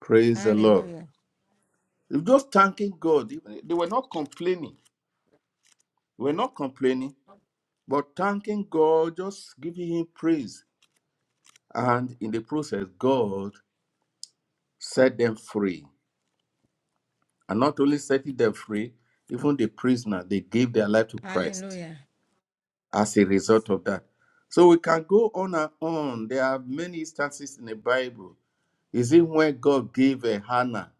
Praise the Lord.
Hallelujah.
They were Just thanking God. They were not complaining. They were not complaining, but thanking God, just giving Him praise. And in the process, God set them free. And not only setting them free, even the prisoner, they gave their life to Christ
Hallelujah.
as a result of that. So we can go on and on. There are many instances in the Bible. Is it when God gave a Hannah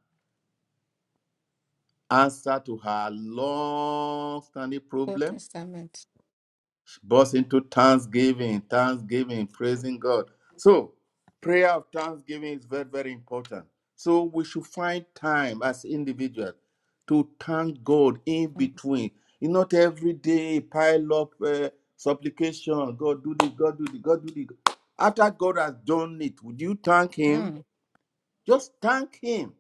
answer to her long-standing
Old
problem?
Testament.
burst into thanksgiving, thanksgiving, praising God. So, prayer of thanksgiving is very, very important. So, we should find time as individuals to thank God in between. You not every day pile up uh, supplication. God do this, God do this, God do this. After God has done it, would you thank Him?
Mhm.
Just thank Him.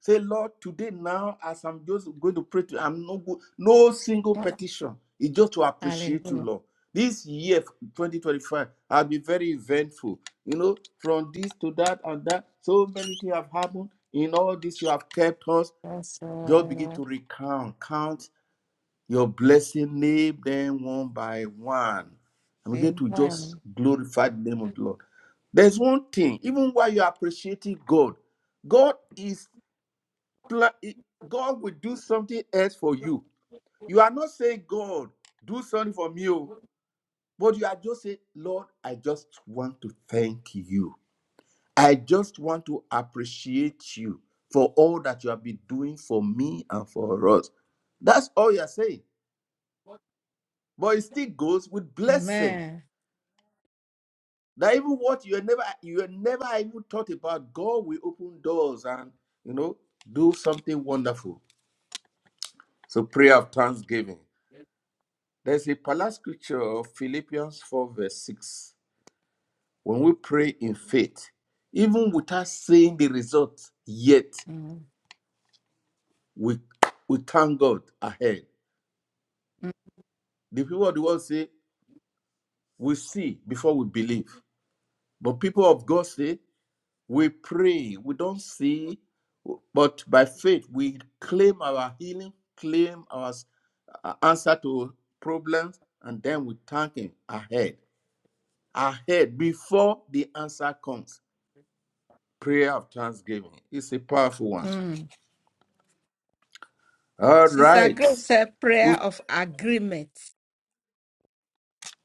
Say, Lord, today now, as I'm just going to pray to, I'm no go, no single petition. It's just to appreciate you,
Hallelujah.
Lord. This year, 2025, I'll be very eventful. You know, from this to that and that, so many things have happened. In all this, you have kept us.
Yes,
Just begin
Lord.
to recount, count your blessing, name them one by one. And we get to just
Amen.
glorify the name of the Lord. There's one thing, even while you're appreciating God, God is plan god will do something else for you you are not saying god do something for me oh," but you are just saying lord i just want to thank you i just want to appreciate you for all that you have been doing for me and for us that's all you're saying but it still goes with blessing
Amen.
that even what you had never you had never even thought about god will open doors and you know do something wonderful so prayer of thanksgiving There's a parallel scripture, of Philippians 4, verse 6. When we pray in faith, even without seeing the result yet,
Mhm.
we, we thank God ahead. The people of the world say, we see before we believe. But people of God say, we pray, we don't see, but by faith we claim our healing, claim our answer to problems, and then we thank Him ahead, ahead, before the answer comes. prayer of thanksgiving. It's a powerful one.
Mm.
All
Sister
right.
Grace said prayer
We've-
of agreement.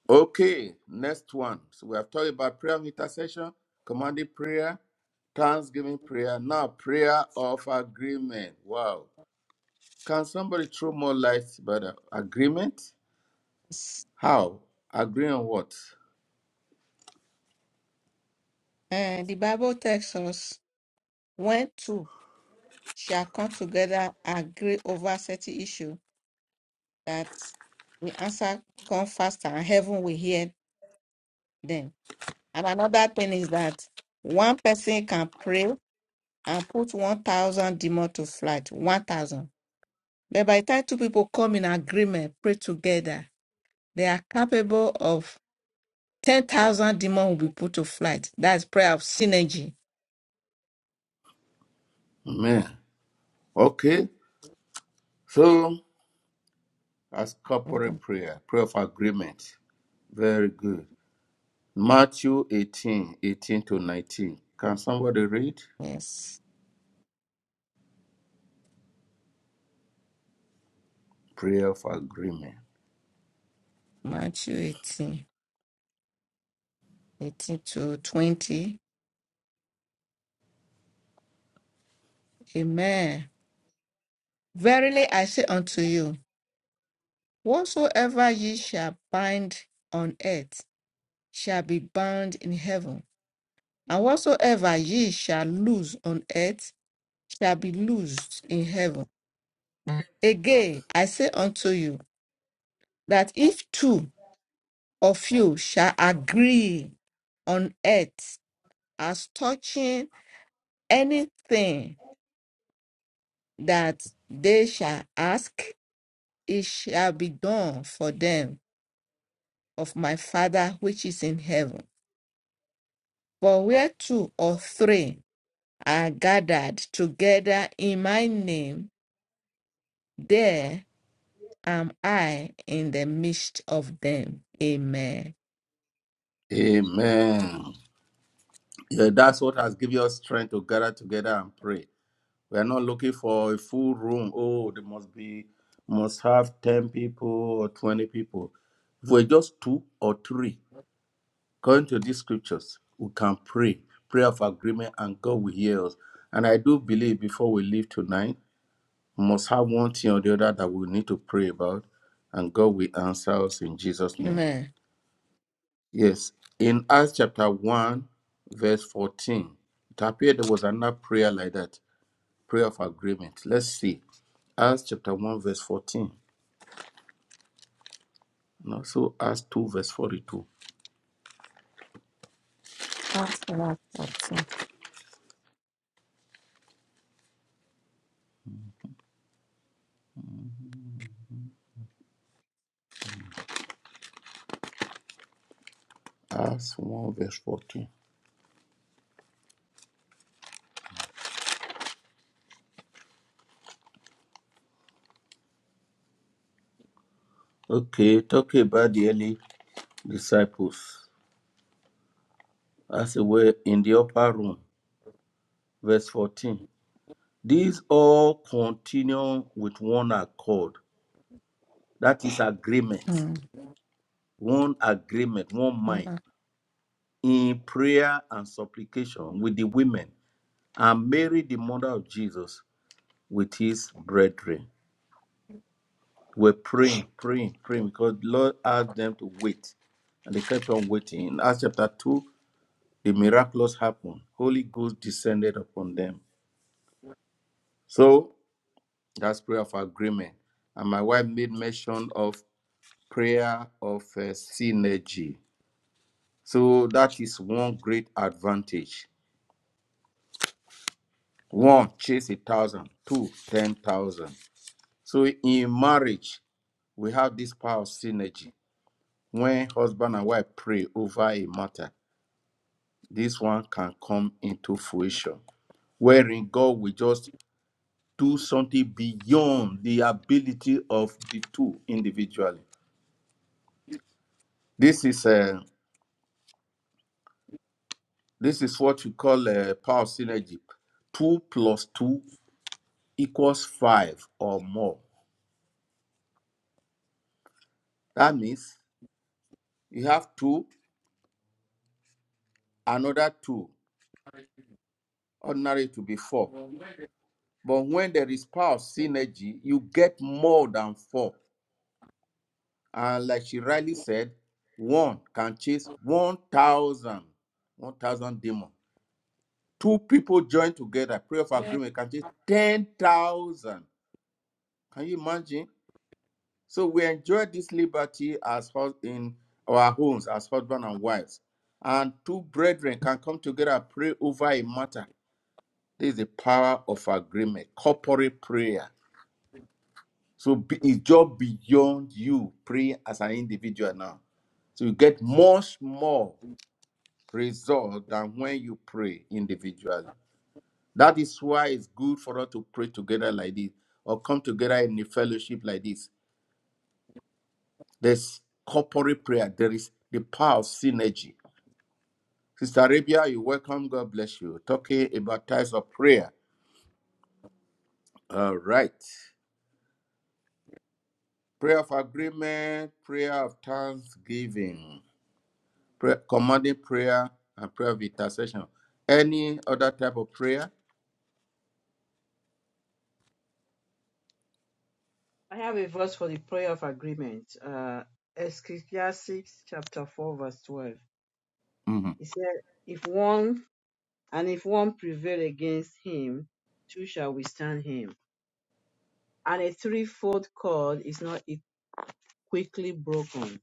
Okay, next one. So we have talked about prayer of intercession, commanding prayer, thanksgiving prayer. Now, prayer of agreement. Wow. Can somebody throw more light about the agreement? How? Agree on what?
And the Bible tells us when two shall come together, agree over certain issue, that the answer come faster and heaven will hear them. And another thing is that one person can pray and put 1,000 demon to flight. 1,000. But by the time two people come in agreement, pray together, they are capable of 10,000 demon will be put to flight. That's prayer of synergy.
Amen. Okay. So, as corporate
Mhm.
prayer, prayer of agreement. Very good. Matthew 18, 18 to 19. Can somebody read?
Yes.
Prayer for agreement.
Matthew 18, 18 to 20. Amen. Verily I say unto you, whatsoever ye shall bind on earth shall be bound in heaven, and whatsoever ye shall loose on earth shall be loosed in heaven. Again, I say unto you that if two of you shall agree on earth as touching anything that they shall ask, it shall be done for them of my Father which is in heaven. For where two or three are gathered together in my name, there am I in the midst of them. Amen.
Amen. Yeah, that's what has given us strength to gather together and pray. We are not looking for a full room. Oh, there must be, must have 10 people or 20 people. If we're just two or three, according to these scriptures, we can pray, prayer of agreement, and God will hear us. And I do believe before we leave tonight, we must have one thing or the other that we need to pray about, and God will answer us in Jesus' name.
Amen.
Yes. In Acts chapter 1, verse 14, it appeared there was another prayer like that, prayer of agreement. Let's see. Acts chapter 1, verse 14. And also Acts 2, verse 42. Acts 1, verse 14. Okay, talking about the early disciples. As they were in the upper room, verse 14. These all continue with one accord. That is agreement.
Amen.
One agreement, one mind. in prayer and supplication with the women and Mary, the mother of Jesus, with his brethren. We're praying, praying, praying because the Lord asked them to wait. And they kept on waiting. In Acts chapter 2, the miracles happened. Holy Ghost descended upon them. So that's prayer of agreement. And my wife made mention of prayer of uh, synergy. So that is one great advantage. One, chase a thousand. Two, ten thousand. So in marriage, we have this power of synergy. When husband and wife pray over a matter, this one can come into fruition. Wherein God will just do something beyond the ability of the two individually. This is a this is what we call a power of synergy. Two plus two equals five or more. That means you have two, another two, ordinary to be four. But when there is power of synergy, you get more than four. And like she rightly said, one can chase one thousand, one thousand 1,000 demons. Two people join together, prayer of agreement can chase 10,000. Can you imagine? So we enjoy this liberty as hus- in our homes, as husband and wives. And two brethren can come together and pray over a matter. This is the power of agreement, corporate prayer So be- it's just beyond you pray as an individual now. So you get much more result than when you pray individually. That is why it's good for us to pray together like this or come together in a fellowship like this. There's corporate prayer, there is the power of synergy. Sister Arabia, you welcome. God bless you. Talking about types of prayer. All right. Prayer of agreement, prayer of thanksgiving. prayer, commanding prayer and prayer of intercession. Any other type of prayer?
I have a verse for the prayer of agreement. Uh, Ecclesiastes chapter 4, verse 12.
Mhm.
It said, If one And if one prevail against him, two shall withstand him. And a threefold cord is not e- quickly broken.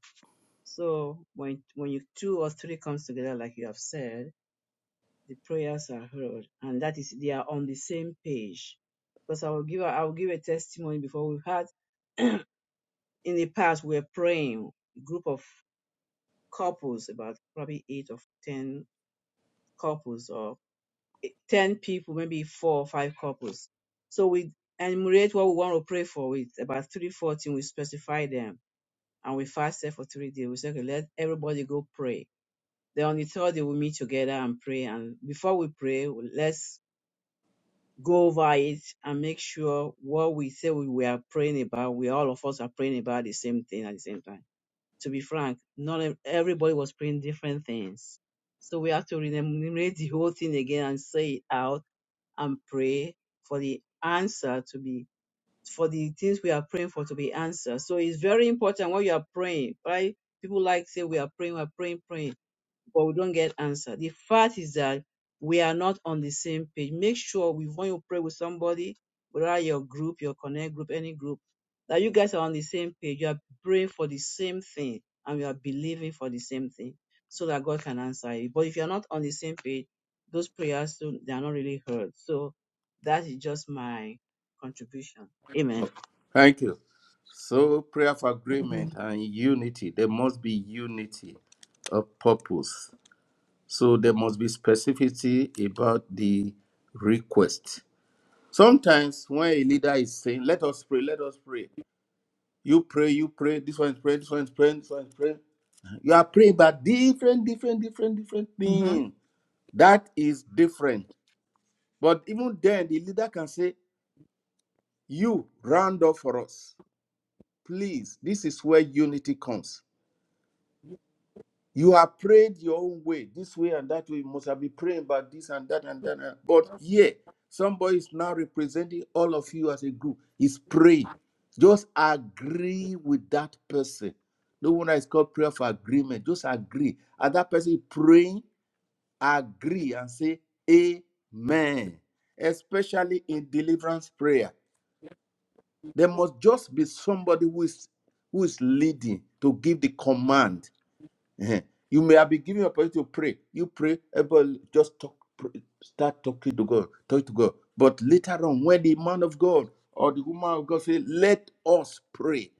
So when when you two or three comes together, like you have said, the prayers are heard, and that is they are on the same page. Because I will give a, I will give a testimony before we've had in the past we were praying a group of couples about probably eight or ten couples or 10 people, maybe four or five couples. So we enumerate what we want to pray for with about three, four things. We specify them and we fasted for three days. We say, okay, let everybody go pray. Then on the third day, we meet together and pray. And before we pray, we- let's go over it and make sure what we say we, we are praying about, we all of us are praying about the same thing at the same time. To be frank, not ev- everybody was praying different things. So we have to enumerate the whole thing again and say it out and pray for the answer to be for the things we are praying for to be answered. So it's very important when you are praying, right? People like say we are praying, we are praying, praying but we don't get answer. The fact is that we are not on the same page. Make sure we when you pray with somebody, whether your group, your connect group, any group, that you guys are on the same page. You are praying for the same thing and you are believing for the same thing so that God can answer it. But if you're not on the same page, those prayers they are not really heard. So that is just my contribution. Amen.
Oh, Thank you. So, prayer for agreement
Mm-hmm.
and unity. There must be unity of purpose. So, there must be specificity about the request. Sometimes, when a leader is saying, Let us pray, let us pray, you pray, you pray, this one is praying, this one is praying, this one is praying. You are praying about different, different, different, different
Mm-hmm.
things. That is different. But even then, the leader can say, You round up for us. Please, this is where unity comes. You have prayed your own way, this way and that way. You must have been praying about this and that and that. and- But here, somebody is now representing all of you as a group. Is praying. Just agree with that person. No wonder it's called prayer for agreement. Just agree. And that person is praying, agree and say, Amen. Especially in deliverance prayer. There must just be somebody who is who is leading to give the command. Eh, You may have been given opportunity to pray. You pray, everybody just talk, pray- start talking to God, talk to God. But later on, when the man of God or the woman of God say, "Let us pray,"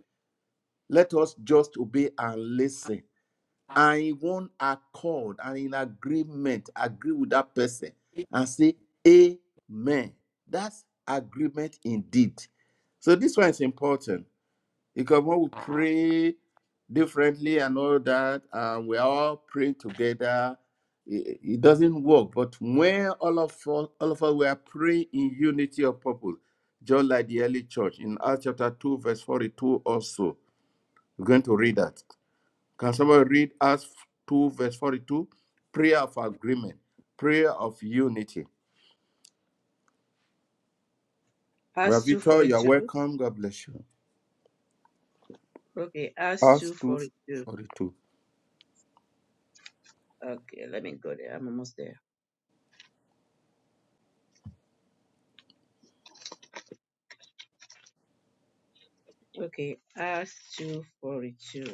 let us just obey and listen, and in one accord and in agreement, agree with that person and say, "Amen." That's agreement indeed. So this one is important because when we pray differently and all that, and we all pray together, it, it doesn't work. But when all of us, all of us we are praying in unity of purpose, just like the early church in Acts chapter 2, verse 42 also. We're going to read that. Can somebody read Acts 2, verse 42? Prayer of agreement, prayer of unity.
Acts two
Ravito,
forty
you're
two.
welcome. God bless you.
Okay, Acts
Acts
two
2,
forty two.
42.
Okay, let me go there. I'm almost there. Okay, Acts two forty two.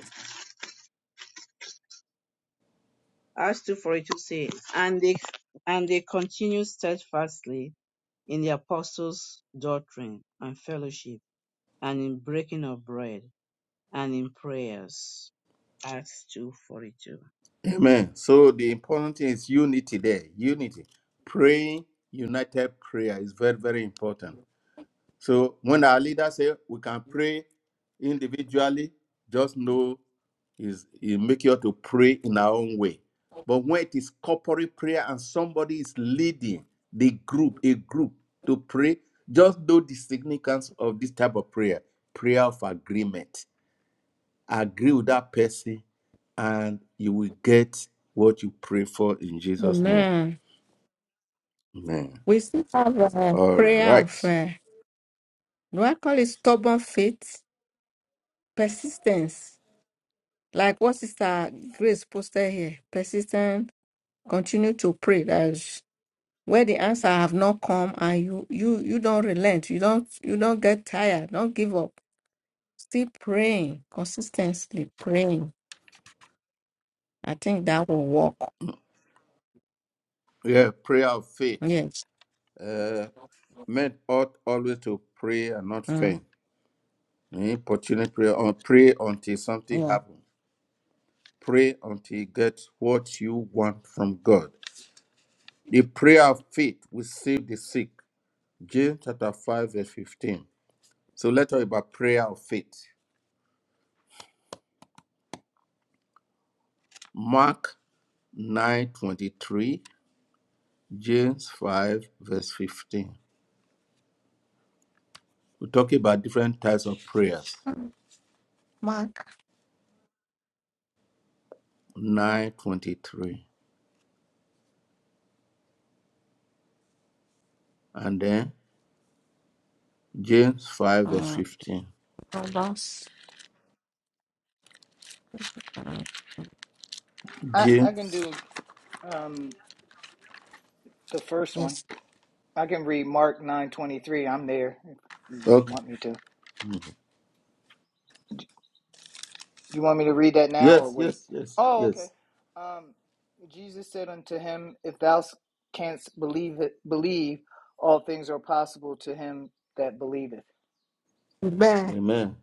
Acts two forty two say, and they and they continued steadfastly in the apostles' doctrine and fellowship, and in breaking of bread, and in prayers. Acts two forty two.
Amen. So the important thing is unity there. Unity. Praying united prayer is very, very important. So when our leader say we can pray individually, just know is it make you to pray in our own way. But when it is corporate prayer and somebody is leading the group, a group to pray, just know the significance of this type of prayer, prayer of agreement agree with that person and you will get what you pray for in Jesus' name.
Amen.
Amen.
We still have a
All
prayer
right.
of, uh, do I call it stubborn faith? Persistence. Like what Sister Grace posted here. Persistence. Continue to pray. That's where the answer have not come, and you you you don't relent. You don't you don't get tired. Don't give up. Still praying consistently. Praying. I think that will work.
Yeah, prayer of faith.
Yes.
Uh, men ought always to pray and not
Mm,
faint. Importunate prayer or pray until something
yeah.
happens. Pray until you get what you want from God. The prayer of faith will save the sick. James chapter 5, verse 15. So let's talk about prayer of faith. Mark 9 23. James 5, verse 15. We talk about different types of prayers.
Mm, Mark.
923. And then James 5, verse
Uh,
15.
Proverbs, uh,
I, I can
James.
do um, the first one.
yes.
I can read Mark nine twenty three. I'm there. If you
Okay.
want me to? You want me to read that now or
Yes,
wait?
yes, yes,
Oh, okay.
yes.
Um, Jesus said unto him, If thou canst believe, it, believe, all things are possible to him that believeth.
Bear.
Amen.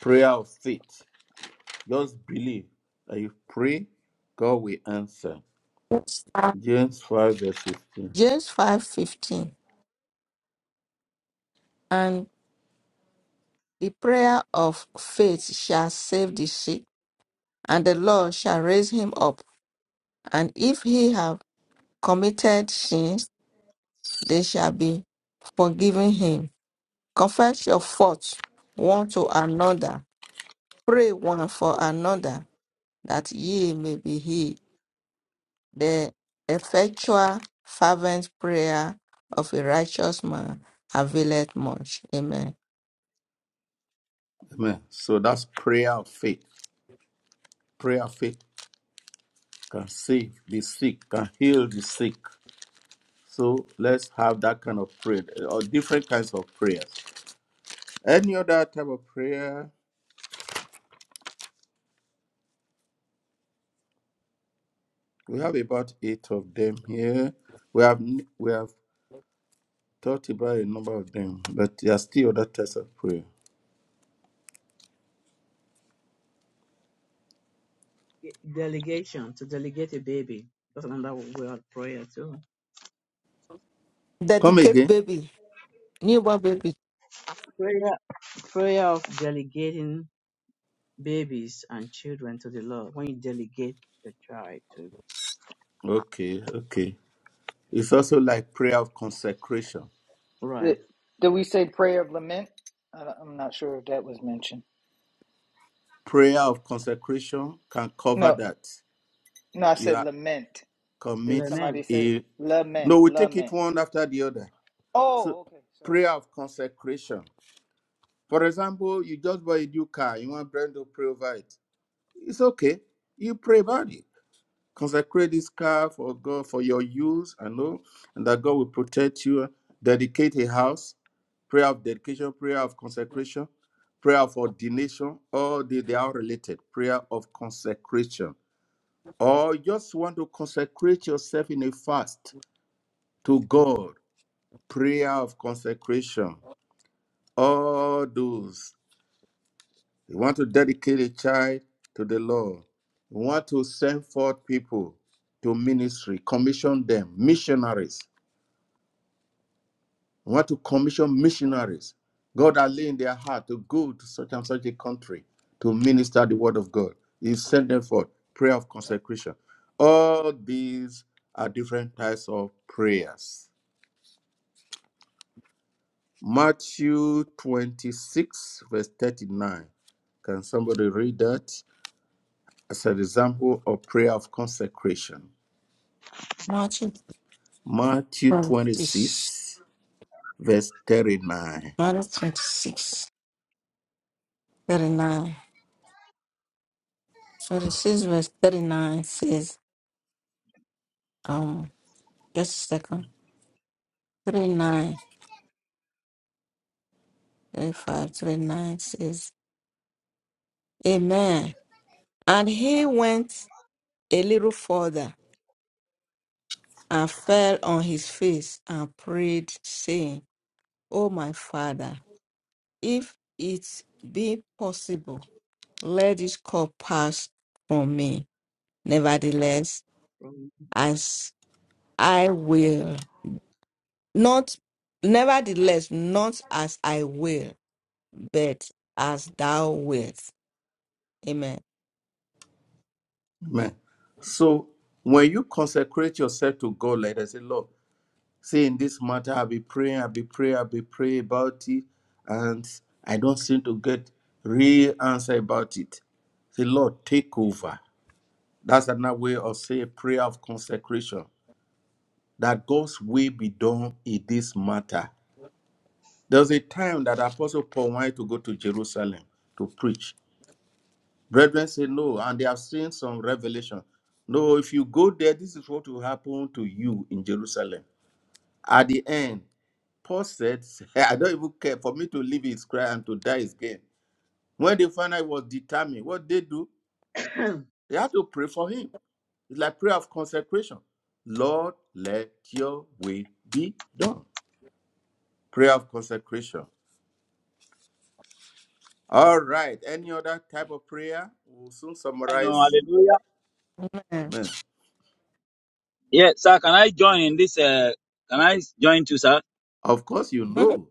Prayer of faith. Just believe that you pray, God will answer.
James five
James 5, verse 15.
James five fifteen. And the prayer of faith shall save the sick, and the Lord shall raise him up. And if he have committed sins, they shall be forgiven him. Confess your faults one to another. Pray one for another, that ye may be healed. The effectual, fervent prayer of a righteous man availeth much. Amen.
Amen. So that's prayer of faith. Prayer of faith can save the sick, can heal the sick. So let's have that kind of prayer uh, or different kinds of prayers. Any other type of prayer? We have about eight of them here. We have we have talked about a number of them, but there are still other types of prayer.
Delegation to delegate a baby. That's another word prayer too.
Come
Dedicate
again.
baby, newborn baby.
Prayer prayer of delegating babies and children to the Lord. When you delegate the child to
Okay, okay. It's also like prayer of consecration.
Did,
right.
did we say prayer of lament? I, don't- I'm not sure if that was mentioned.
Prayer of consecration can cover
No,
that.
no, I
You
said
are
lament. Did
commit
Lament.
somebody say
a
lament?
no, we take it
Lament.
one after the other. So
Oh, okay. Sorry.
prayer of consecration. For example, you just buy a new car, you want brand to pray over it. It's okay. You pray about it. Consecrate this car for God for your use and know, and that God will protect you. Dedicate a house, prayer of dedication, prayer of consecration, prayer of ordination. All they, they are related. Prayer of consecration. Or just want to consecrate yourself in a fast to God. Prayer of consecration. All those. We want to dedicate a child to the Lord. We want to send forth people to ministry, commission them, missionaries. We want to commission missionaries. God has laid in their heart to go to such and such a country to minister the word of God. You send them forth. Prayer of consecration. All these are different types of prayers. Matthew 26, verse 39. Can somebody read that as an example of prayer of consecration?
Marching.
Matthew
from this-
26, verse 39.
Matthew 26, So this is verse 39 says, um, just a second, 35, 39. says, Amen. And he went a little further and fell on his face and prayed, saying, O my father, if it be possible, let this cup pass from me. Nevertheless, as I will. Not, nevertheless, not as I will, but as thou wilt. Amen.
Amen. So when you consecrate yourself to God, let us say, Lord, see in this matter, I'll be praying, I'll be praying, I'll be praying about it, and I don't seem to get real answer about it. Say, Lord, take over. That's another way of saying prayer of consecration. That God's will be done in this matter. There was a time that Apostle Paul wanted to go to Jerusalem to preach. Brethren say no, and they have seen some revelation. No, if you go there, this is what will happen to you in Jerusalem. At the end, Paul said, I don't even care. For me to live is Christ and to die is gain. When they found out he was determined, what they do, they had to pray for him. It's like prayer of consecration. Lord, let your way be done. Prayer of consecration. All right. Any other type of prayer? We'll soon
I know,
summarize.
hallelujah.
Amen.
Amen.
Yes, sir, can I join in this? Uh, can I join too, sir?
Of course, you know.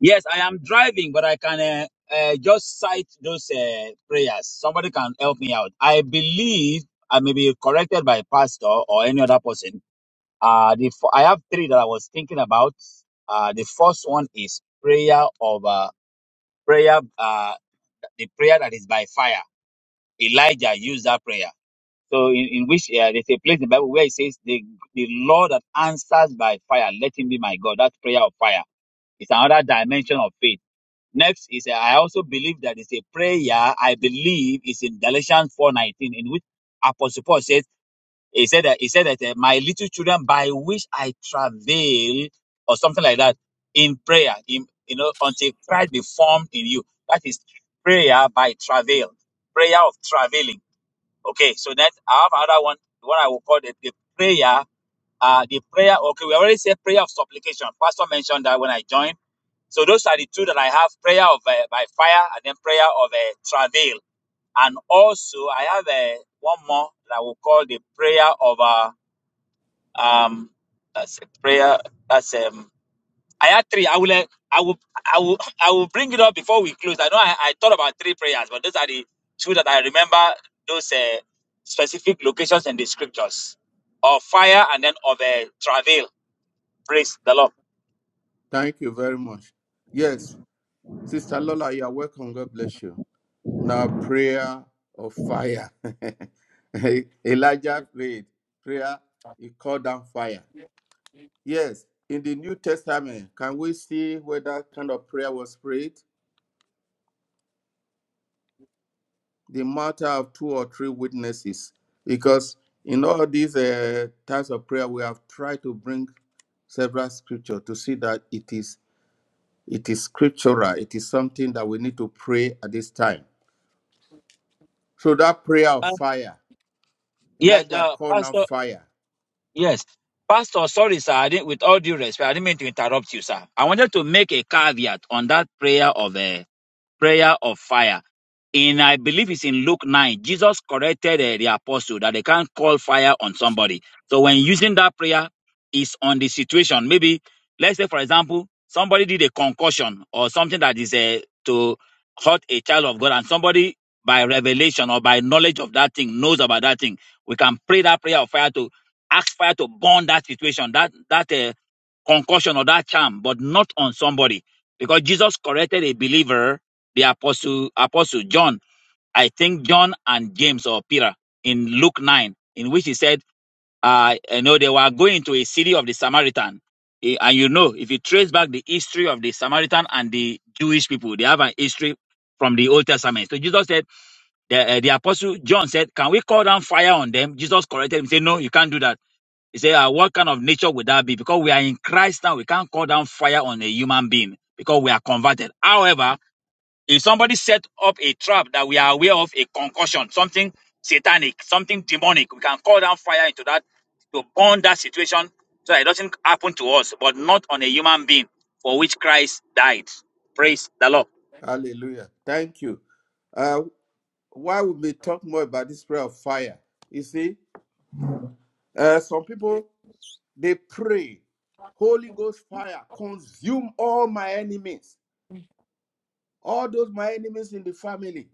Yes, I am driving, but I can uh, uh, just cite those uh, prayers. Somebody can help me out. I believe I may be corrected by pastor or any other person. Uh, the f- I have three that I was thinking about. Uh, the first one is prayer of uh, prayer, uh, the prayer that is by fire. Elijah used that prayer. So in, in which uh, there's a place in the Bible where it says the the Lord that answers by fire, let him be my God. That prayer of fire is another dimension of faith. Next is uh, I also believe that it's a prayer. I believe is in Galatians four nineteen, in which Apostle Paul says he said that he said that uh, my little children by which I travail or something like that in prayer, in you know until Christ be formed in you. That is prayer by travail, prayer of travailing. Okay, so that I have another one, What I will call the, the prayer. Uh, the prayer, okay, we already said prayer of supplication. Pastor mentioned that when I joined. So those are the two that I have prayer of uh, by fire and then prayer of uh, travail. And also, I have uh, one more that I will call the prayer of, uh, um, that's a prayer, that's um, I had three. I will, eh, I will, I will, I will bring it up before we close. I know I, I thought about three prayers, but those are the two that I remember. Those uh, specific locations in the scriptures of fire and then of uh, travail. Praise the Lord.
Thank you very much. Yes, Sister Lola, you are welcome. God bless you. Now, prayer of fire. Elijah prayed. Prayer, he called down fire. Yes, in the New Testament, can we see where that kind of prayer was prayed? The matter of two or three witnesses. Because in all these uh, types of prayer, we have tried to bring several scripture to see that it is it is scriptural. It is something that we need to pray at this time So that prayer of
Uh,
fire,
yes,
Elijah
uh,
called now
Pastor.
fire.
Yes, Pastor. Sorry, sir. I didn't. With all due respect, I didn't mean to interrupt you, sir. I wanted to make a caveat on that prayer of uh, prayer of fire. In I believe it's in Luke 9, Jesus corrected uh, the apostle that they can't call fire on somebody. So when using that prayer, it's on the situation. Maybe let's say, for example, somebody did a concussion or something that is uh, to hurt a child of God, and somebody by revelation or by knowledge of that thing knows about that thing. We can pray that prayer of fire to ask fire to burn that situation, that that uh, concussion or that charm, but not on somebody because Jesus corrected a believer the apostle apostle John, I think John and James or Peter in Luke 9, in which he said, uh, you know, they were going to a city of the Samaritan. Eh, And you know, if you trace back the history of the Samaritan and the Jewish people, they have an history from the Old Testament. So Jesus said, the, eh, the apostle John said, Can we call down fire on them? Jesus corrected him, said, No, you can't do that. He said, uh, What kind of nature would that be? Because we are in Christ now, we can't call down fire on a human being because we are converted. However, if somebody set up a trap that we are aware of, a concussion, something satanic, something demonic, we can call down fire into that to burn that situation so that it doesn't happen to us, but not on a human being for which Christ died. Praise the Lord.
Hallelujah. Thank you. Uh, why would we talk more about this prayer of fire? You see, uh, some people they pray, Holy Ghost fire, consume all my enemies, all those my enemies in the family,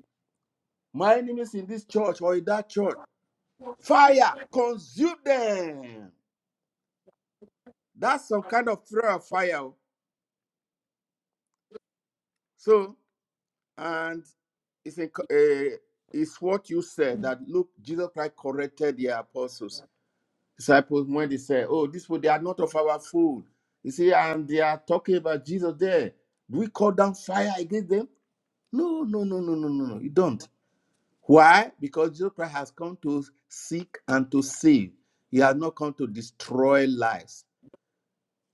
my enemies in this church or in that church. Fire, consume them. That's some kind of prayer of fire. oh. So And it's, in, uh, it's what you said that look, Jesus Christ corrected the apostles, disciples, when they said, Oh, this food, they are not of our food. You see, and they are talking about Jesus there. Do we call down fire against them? No, no, no, no, no, no, no. You don't. Why? Because Jesus Christ has come to seek and to save. He has not come to destroy lives.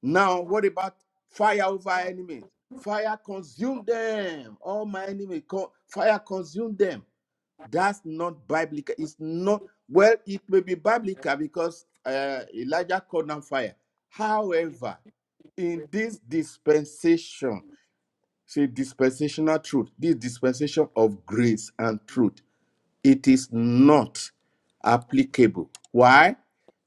Now, what about fire over enemies? Fire consume them. All my enemies, co- fire consume them. That's not biblical. It's not, well, it may be biblical because uh, Elijah called down fire. However, in this dispensation, see, dispensational truth, this dispensation of grace and truth, it is not applicable. Why?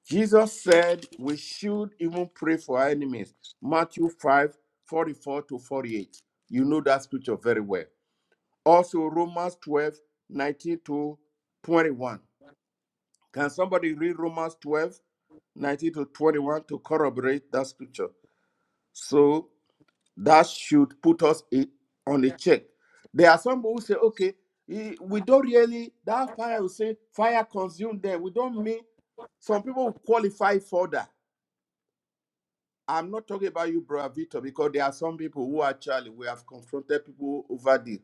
Jesus said we should even pray for our enemies. Matthew 5 44 to 48. You know that scripture very well. Also, Romans 12, nineteen to 21. Can somebody read Romans 12, nineteen to 21 to corroborate that scripture? So that should put us i- on a check. There are some who say, okay, eh, we don't really, that fire will say fire consumed them. We don't mean, some people will qualify for that. I'm not talking about you, Brother Vito, because there are some people who actually we have confronted people over this.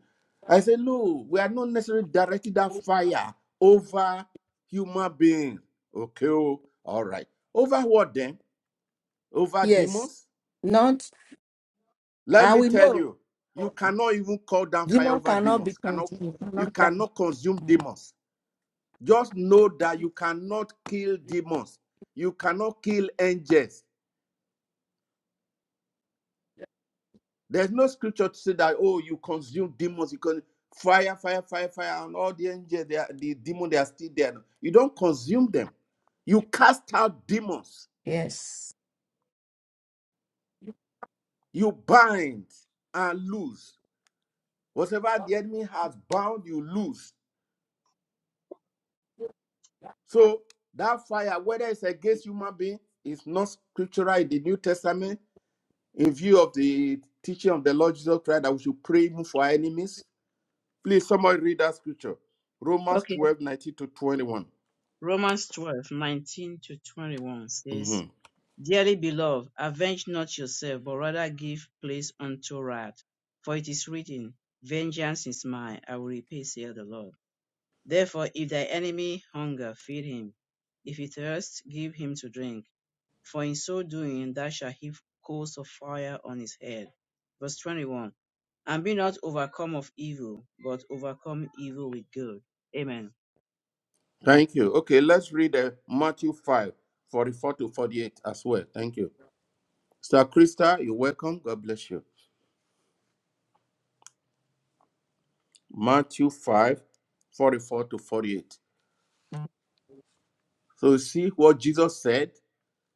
I say, no, we are not necessarily directing that fire over human beings. Okay, oh, all right. Over what then? Over
yes.
demons?
Not
Let
I
me
will
tell
know.
you, you cannot even call down fire
Demon
over
cannot be
demons. Cannot
contained.
you
Not that.
cannot consume demons. Just know that you cannot kill demons. You cannot kill angels. There's no scripture to say that, oh, you consume demons, you can fire, fire, fire, fire, and all the angels, they are, the demon, they are still there. You don't consume them. You cast out demons.
Yes.
You bind and loose. Whatever the enemy has bound, you loose. So that fire, whether it's against human being, is not scriptural in the New Testament. In view of the teaching of the Lord Jesus Christ, that we should pray even for our enemies. Please, somebody read that scripture. Romans
okay.
12 19 to 21.
Romans 12 19 to 21
hmm
says, Dearly beloved, avenge not yourself, but rather give place unto wrath. For it is written, Vengeance is mine, I will repay, saith the Lord. Therefore, if thy enemy hunger, feed him. If he thirst, give him to drink. For in so doing, thou shalt heap coals of fire on his head. Verse 21. And be not overcome of evil, but overcome evil with good. Amen.
Thank you. Okay, let's read uh, Matthew 5 44 to 48 as well. Thank you. Sir Krista, you're welcome. God bless you. Matthew 5 44 to 48. So you see what Jesus said?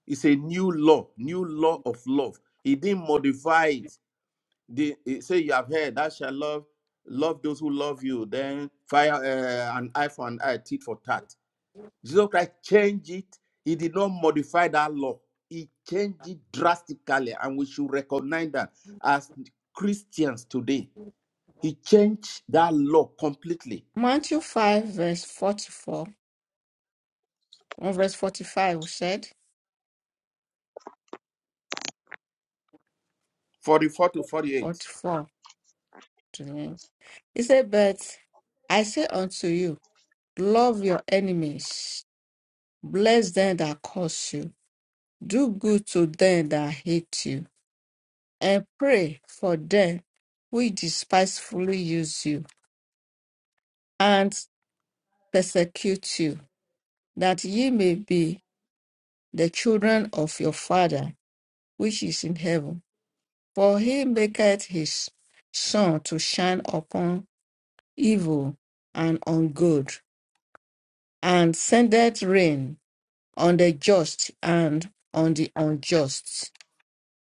It's a new law, new law of love. He didn't modify it. The, he say you have heard, thou shalt love, love those who love you. Then fire uh, an eye for an eye, teeth for tat. Jesus Christ changed it. He did not modify that law. He changed it drastically, and we should recognize that as Christians today. He changed that law completely.
Matthew 5, verse 44, on verse 45, we said,
44 to 48.
44 to the end. He said, But I say unto you, love your enemies, bless them that curse you, do good to them that hate you, and pray for them which despitefully use you and persecute you, that ye may be the children of your Father which is in heaven. For he maketh his sun to shine upon evil and on good, and sendeth rain on the just and on the unjust.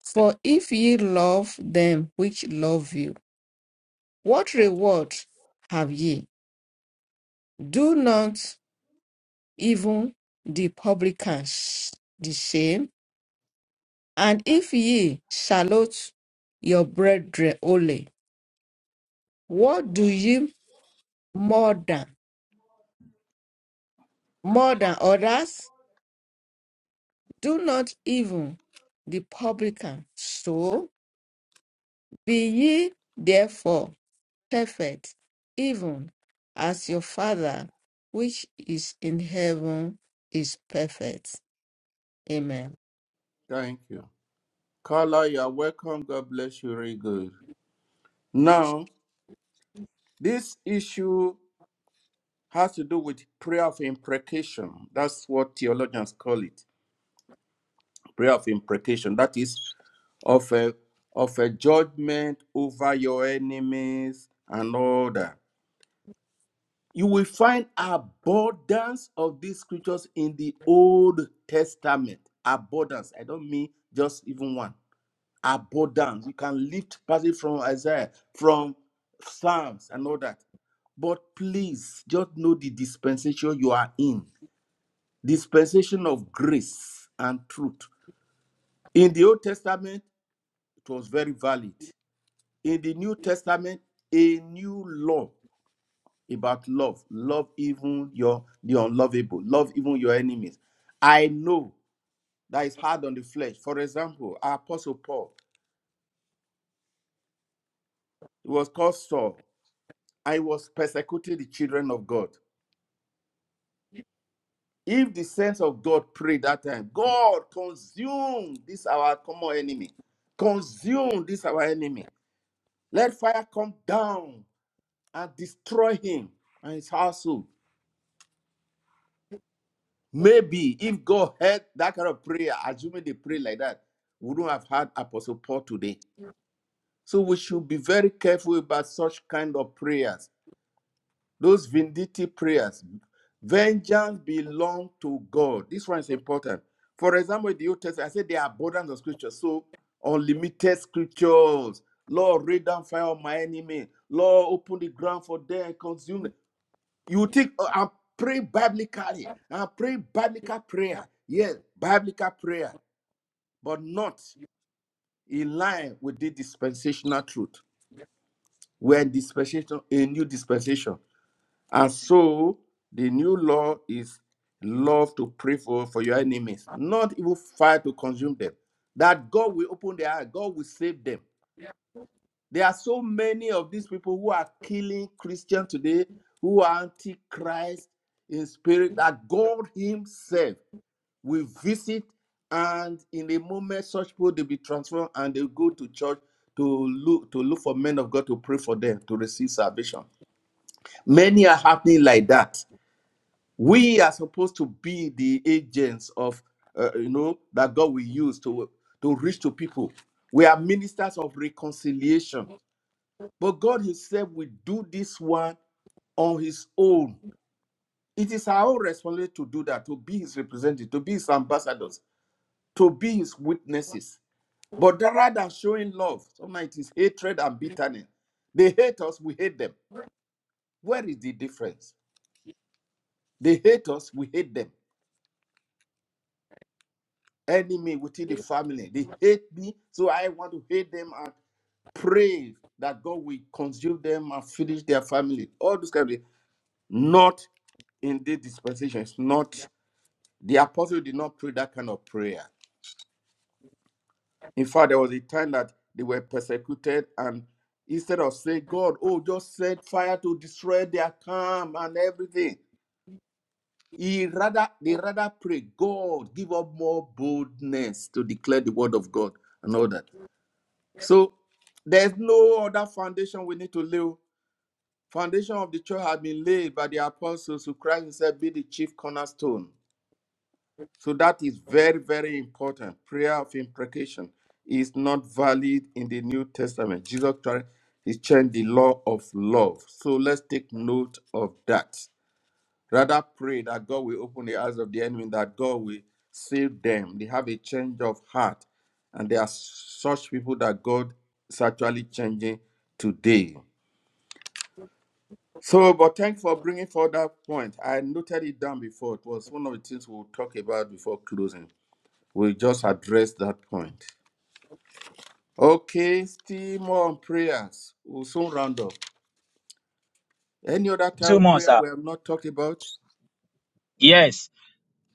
For if ye love them which love you, what reward have ye? Do not even the publicans the same? And if ye salute your brethren only, what do ye more than? more than others, do not even the publican. So be ye therefore perfect, even as your Father which is in heaven is perfect. Amen.
Thank you. Carla, you are welcome. God bless you. Very good. Now, this issue has to do with prayer of imprecation. That's what theologians call it. Prayer of imprecation. That is of a of a judgment over your enemies and all that. You will find abundance of these scriptures in the Old Testament. Abundance. I don't mean just even one. Abundance. You can lift passage from Isaiah, from Psalms, and all that. But please just know the dispensation you are in. Dispensation of grace and truth. In the Old Testament, it was very valid. in the New Testament a new law about love. Love even your the unlovable. Love even your enemies. I know that is hard on the flesh. For example, Apostle Paul he was called Saul. I was persecuting the children of God. If the saints of God prayed that time, God consume this our common enemy. Consume this our enemy. Let fire come down and destroy him and his household Maybe if God heard that kind of prayer, assuming they pray like that, we wouldn't have had Apostle Paul today. So we should be very careful about such kind of prayers. Those vindictive prayers. Vengeance belongs to God. This one is important. For example, in the Old Testament, I said there are abundance of scriptures. So unlimited scriptures. Lord, rain down fire on my enemy. Lord, open the ground for them and consume them. You think oh, I'm praying biblically. I'm praying biblical prayer. Yes, biblical prayer, but not in line with the dispensational truth. We're in dispensation, a new dispensation. And so the new law is love to pray for, for your enemies, not even fire to consume them. That God will open their eyes. God will save them. There are so many of these people who are killing Christians today, who are antichrist in spirit, that God Himself will visit, and in a moment, such people they be transformed and they go to church to look to look for men of God to pray for them to receive salvation. Many are happening like that. We are supposed to be the agents of uh, you know that God will use to to reach to people. We are ministers of reconciliation but God Himself will do this one on His own. It is our own responsibility to do that, to be His representative, to be His ambassadors, to be His witnesses. But rather than showing love, sometimes it is hatred and bitterness. They hate us, we hate them. Where is the difference? They hate us, we hate them. Enemy within the family, they hate me, so I want to hate them and pray that God will consume them and finish their family. All those kind of things. Not in this dispensation. It's not The apostle did not pray that kind of prayer. In fact, there was a time that they were persecuted, and instead of saying, God, oh, just set fire to destroy their camp and everything, he rather they rather pray, God, give up more boldness to declare the word of God and all that. So there's no other foundation we need to lay. Foundation of the church has been laid by the apostles who Christ himself be the chief cornerstone. So that is very, very important. Prayer of imprecation is not valid in the New Testament. Jesus Christ he changed the law of love. So let's take note of that. Rather pray that God will open the eyes of the enemy, that God will save them. They have a change of heart. And there are such people that God is actually changing today. So, but thanks for bringing forward that point. I noted it down before. It was one of the things we'll talk about before closing. We just address that point. Okay, still more on prayers. We'll soon round up. Any other type
Two
of
months,
prayer
sir.
we have not talked about?
Yes.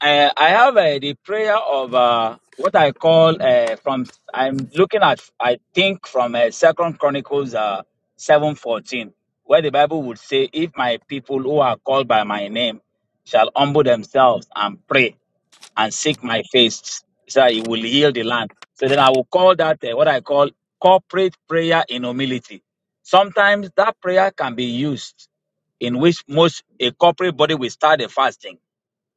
I, I have uh, the prayer of uh, what I call uh, from. I'm looking at, I think, from uh, Second Chronicles uh, seven fourteen, where the Bible would say, "If my people who are called by my name shall humble themselves and pray and seek my face, so that it will heal the land." So then I will call that uh, what I call corporate prayer in humility. Sometimes that prayer can be used in which most a corporate body will start a fasting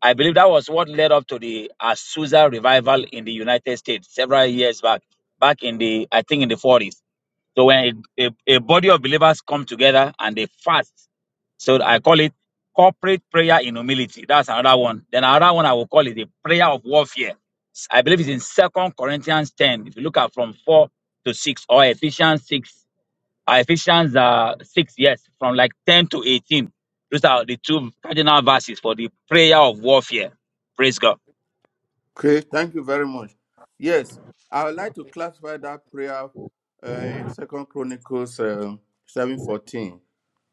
I believe that was what led up to the Azusa revival in the United States several years back, back in the, I think in the 40s. So when a, a, a body of believers come together and they fast, so I call it corporate prayer in humility. That's another one. Then another one I will call it the prayer of warfare. I believe it's in Second Corinthians 10. If you look at from 4 to 6 or Ephesians 6 uh, Ephesians uh, 6, yes, from like 10 to 18. Those are the two cardinal verses for the prayer of warfare. Praise God.
Okay, thank you very much. Yes, I would like to classify that prayer uh, in Second Chronicles uh, seven fourteen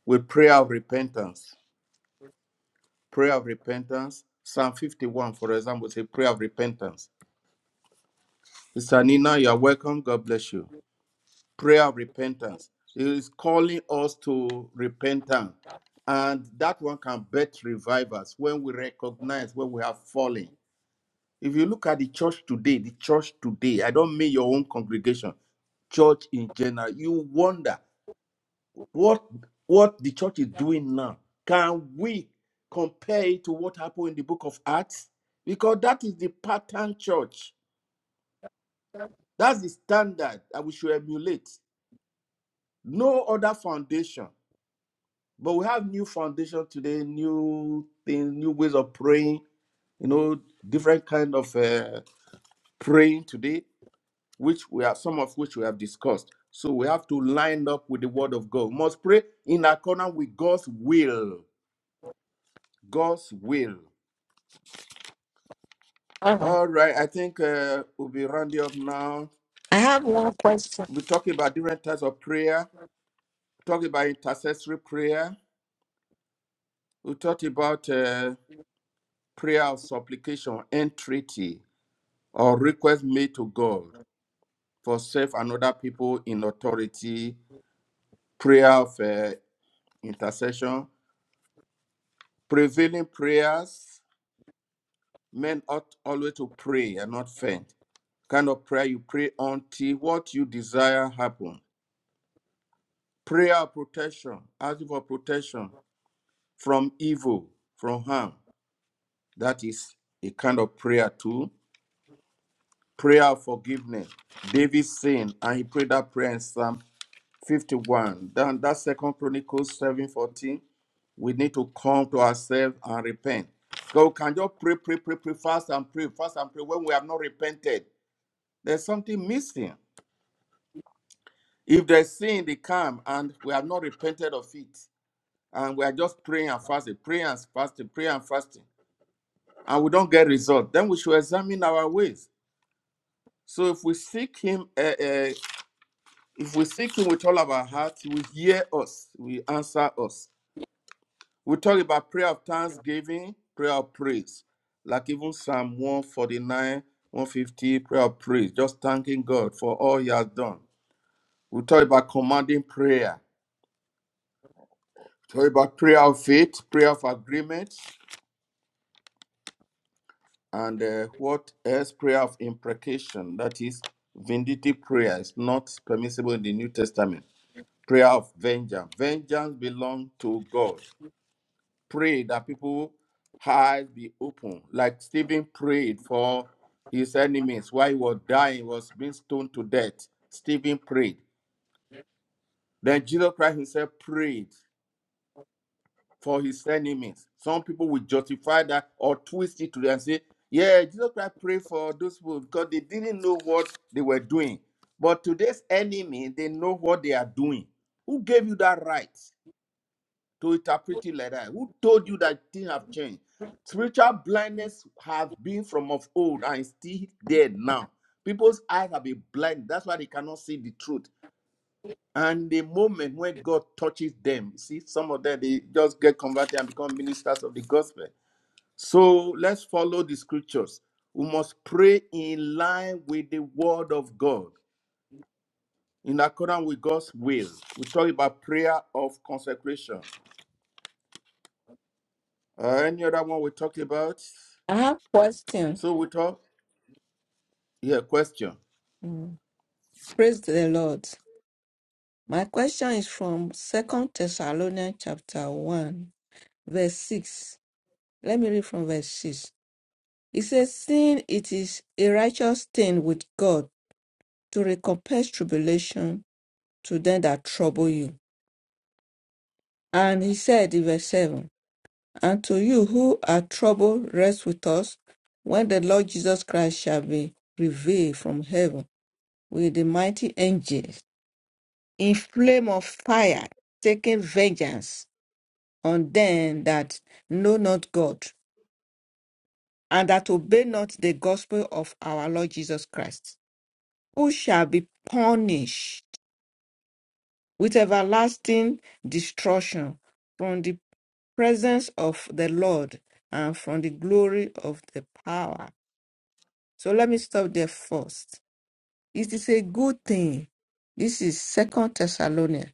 with prayer of repentance. Prayer of repentance. Psalm fifty one, for example, is a prayer of repentance. Sister Nina, you are welcome. God bless you. prayer of repentance. He is calling us to repentance. And that one can bet revivals when we recognize when we have fallen. If you look at the church today, the church today, I don't mean your own congregation, church in general, you wonder what what the church is doing now. Can we compare it to what happened in the book of Acts? Because that is the pattern church. That's the standard that we should emulate. No other foundation. But we have new foundation today, new things, new ways of praying. You know, different kind of uh, praying today, which we have some of which we have discussed. So we have to line up with the Word of God. We must pray in accordance with God's will. God's will.
Uh,
All right, I think uh, we'll be rounding up now.
I have one question.
We're talking about different types of prayer. We're talking about intercessory prayer. We talked about uh, prayer of supplication, entreaty, or request made to God. for self and other people in authority, prayer of uh, intercession, prevailing prayers. Men ought always to pray and not faint. Kind of prayer you pray until what you desire happen. Prayer of protection, asking for protection from evil, from harm. That is a kind of prayer too. Prayer of forgiveness. David sinned and he prayed that prayer in Psalm 51. Then that second Chronicles 7 14. We need to come to ourselves and repent. So we can just pray, pray, pray, pray, fast and pray, fast and pray. When we have not repented, there's something missing. If there's sin in the camp and we have not repented of it, and we are just praying and fasting, praying and fasting, praying and fasting, and we don't get result, then we should examine our ways. So if we seek Him, uh, uh, if we seek Him with all of our heart, He will hear us, He will answer us. We talk about prayer of thanksgiving, prayer of praise, like even Psalm 149, 150, prayer of praise, just thanking God for all He has done. We talk about commanding prayer, We talk about prayer of faith, prayer of agreement, and uh, what else? Prayer of imprecation, that is vindictive prayer, is not permissible in the New Testament. Prayer of vengeance, vengeance belongs to God. pray that people eyes be open, like Stephen prayed for his enemies while he was dying, he was being stoned to death. Stephen prayed. Then Jesus Christ himself prayed for his enemies. Some people will justify that or twist it to them and say, yeah, Jesus Christ prayed for those people because they didn't know what they were doing. But today's enemy, they know what they are doing. Who gave you that right? to interpret it like that? Who told you that things have changed? Spiritual blindness have been from of old and is still there now. People's eyes have been blind. That's why they cannot see the truth. And the moment when God touches them, see, some of them they just get converted and become ministers of the gospel. So let's follow the scriptures. We must pray in line with the word of God, in accordance with God's will. We talk about prayer of consecration. Uh, any other one we talked about?
I have question.
So we talk. Yeah, question.
Mm. Praise the Lord. My question is from Second Thessalonians chapter 1, verse 6. Let me read from verse 6. He says, Seeing it is a righteous thing with God to recompense tribulation to them that trouble you. And he said in verse 7, And to you who are troubled, rest with us when the Lord Jesus Christ shall be revealed from heaven with the mighty angels in flame of fire, taking vengeance on them that know not God and that obey not the gospel of our Lord Jesus Christ, who shall be punished with everlasting destruction from the presence of the Lord and from the glory of the power. So let me stop there first. It is a good thing. This is Second Thessalonians.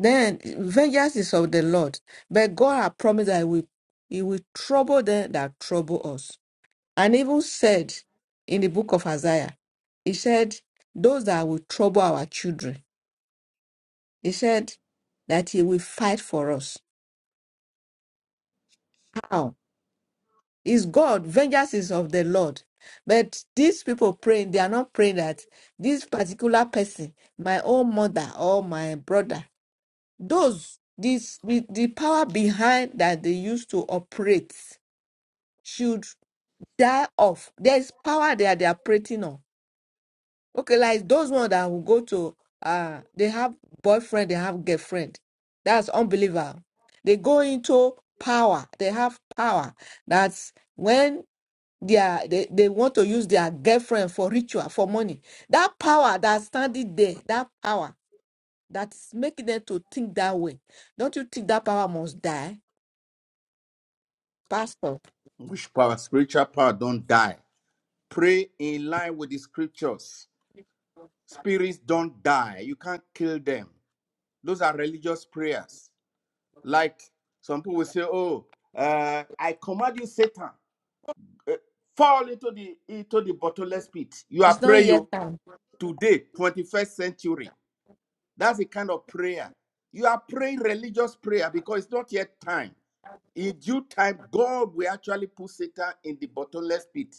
Then vengeance is of the Lord, but God has promised that he will, he will trouble them that trouble us. And even said in the book of Isaiah, he said, those that will trouble our children, he said that he will fight for us. How? is God, vengeance is of the Lord. But these people praying, they are not praying that this particular person, my own mother or my brother, those this the, the power behind that they used to operate should die off. There is power there they are operating on. Okay, like those ones that will go to uh they have boyfriend, they have girlfriend. That's unbelievable. They go into power, they have power. That's when their they, they want to use their girlfriend for ritual for money that power that's standing there that power that's making them to think that way don't you think that power must die pastor
Which power, spiritual power, don't die? Pray in line with the scriptures. Spirits don't die. You can't kill them. Those are religious prayers. Like some people will say, "Oh, uh, I command you, Satan, uh, fall into the into the bottomless pit." You are
it's not yet
praying
time
today, twenty-first century. That's the kind of prayer you are praying religious prayer because it's not yet time. in due time, God will actually put Satan in the bottomless pit.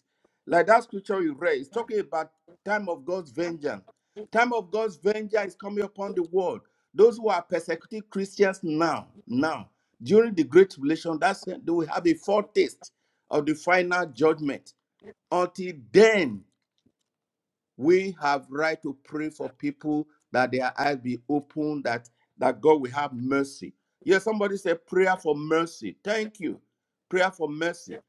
Like that scripture you read, it's talking about time of God's vengeance. Time of God's vengeance is coming upon the world. Those who are persecuting Christians now, now, during the Great Tribulation, that's they will have a foretaste of the final judgment. Until then, we have right to pray for people that their eyes be open that that god will have mercy yes somebody said prayer for mercy thank you prayer for mercy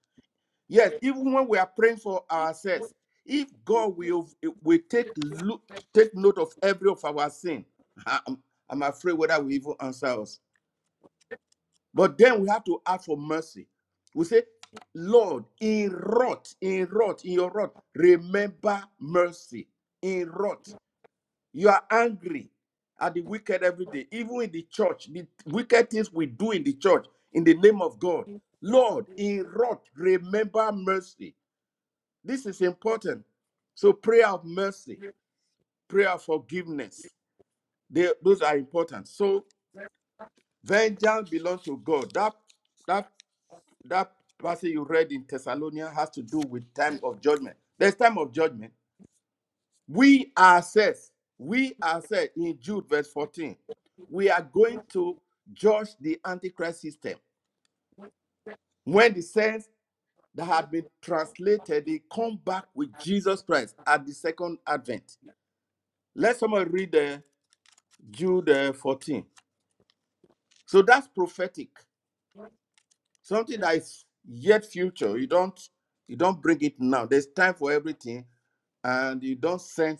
yes even when we are praying for ourselves if god will will take look take note of every of our sin i'm, I'm afraid whether we even answer us but then we have to ask for mercy we say lord in wrath in wrath in your wrath remember mercy in wrath you are angry at the wicked every day, even in the church, the wicked things we do in the church in the name of God. Lord, in wrath, remember mercy. This is important. So, prayer of mercy, prayer of forgiveness, they, those are important. So, vengeance belongs to God. That that that passage you read in Thessalonians has to do with time of judgment. There's time of judgment We ourselves, we ourselves in Jude verse 14, we are going to judge the Antichrist system. When the saints that have been translated, they come back with Jesus Christ at the second advent. Let someone read uh, Jude uh, 14. So that's prophetic, something that is yet future. You don't you don't bring it now. There's time for everything, and you don't send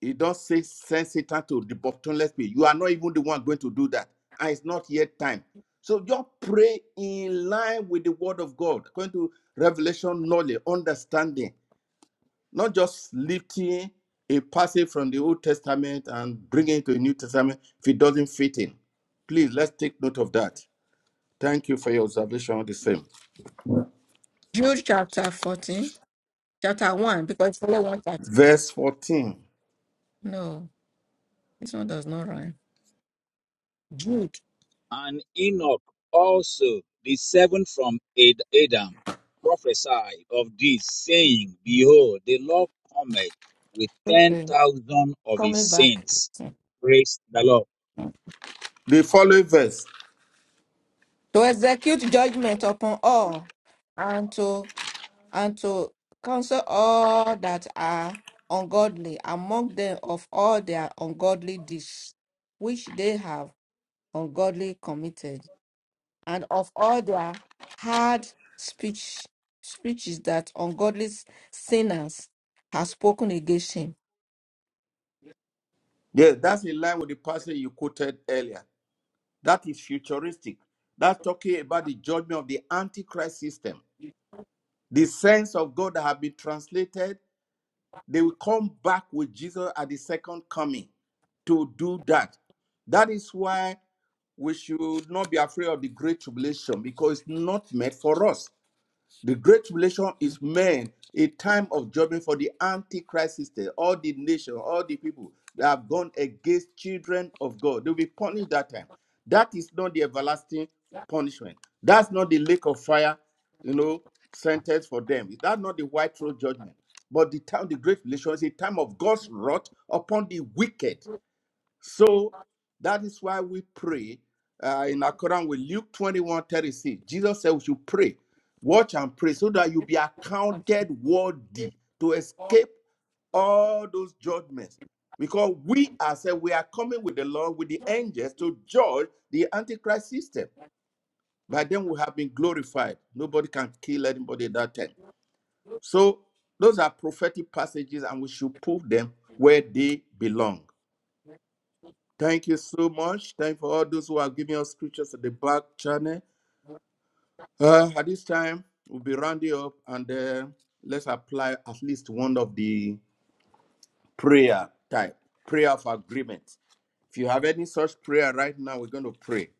He does say send Satan to the bottomless pit. You are not even the one going to do that. And it's not yet time. So just pray in line with the word of God, according to revelation, knowledge, understanding, not just lifting a passage from the Old Testament and bringing it to the New Testament if it doesn't fit in. Please let's take note of that. Thank you for your observation on the same.
jude chapter 14 chapter 1 because it's only one chapter
Verse 14.
no this one does not rhyme jude
And Enoch also, the seventh from Ad- Adam, prophesied of this, saying, Behold, the Lord cometh with
okay
10,000 of his
coming back
saints. Praise the Lord.
The following verse.
to execute judgment upon all and to and to counsel all that are ungodly among them of all their ungodly deeds which they have ungodly committed, and of all their hard speech speeches that ungodly sinners have spoken against him.
Yes, that's in line with the passage you quoted earlier. that is futuristic. That's talking about the judgment of the Antichrist system. The saints of God that have been translated, they will come back with Jesus at the second coming to do that. That is why we should not be afraid of the great tribulation because it's not meant for us. The great tribulation is meant a time of judgment for the antichrist system, all the nation, all the people that have gone against children of God. They'll be punished that time. That is not the everlasting punishment. That's not the lake of fire, you know, sentence for them. That's not the white throne judgment. But the time, the great tribulation is a time of God's wrath upon the wicked so that is why we pray uh, in accordance with Luke 21 36. Jesus said we should pray, watch and pray so that you be accounted worthy to escape all those judgments. Because we ourselves, we are coming with the Lord, with the angels to judge the Antichrist system. By then we have been glorified. Nobody can kill anybody at that time. So those are prophetic passages and we should put them where they belong. Thank you so much. Thank you for all those who are giving us scriptures at the back channel. Uh, at this time, we'll be rounding up and uh, let's apply at least one of the prayer type, prayer of agreement. If you have any such prayer right now, we're going to pray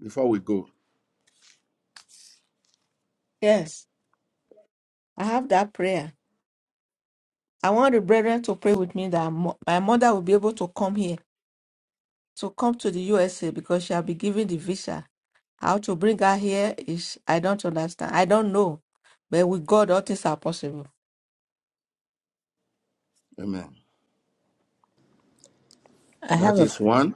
before we go.
Yes, I have that prayer. I want the brethren to pray with me that mo- my mother will be able to come here, to come to the USA because she'll be given the visa. How to bring her here is I don't understand. I don't know. But with God, all things are possible.
Amen.
I have
That
a
is one.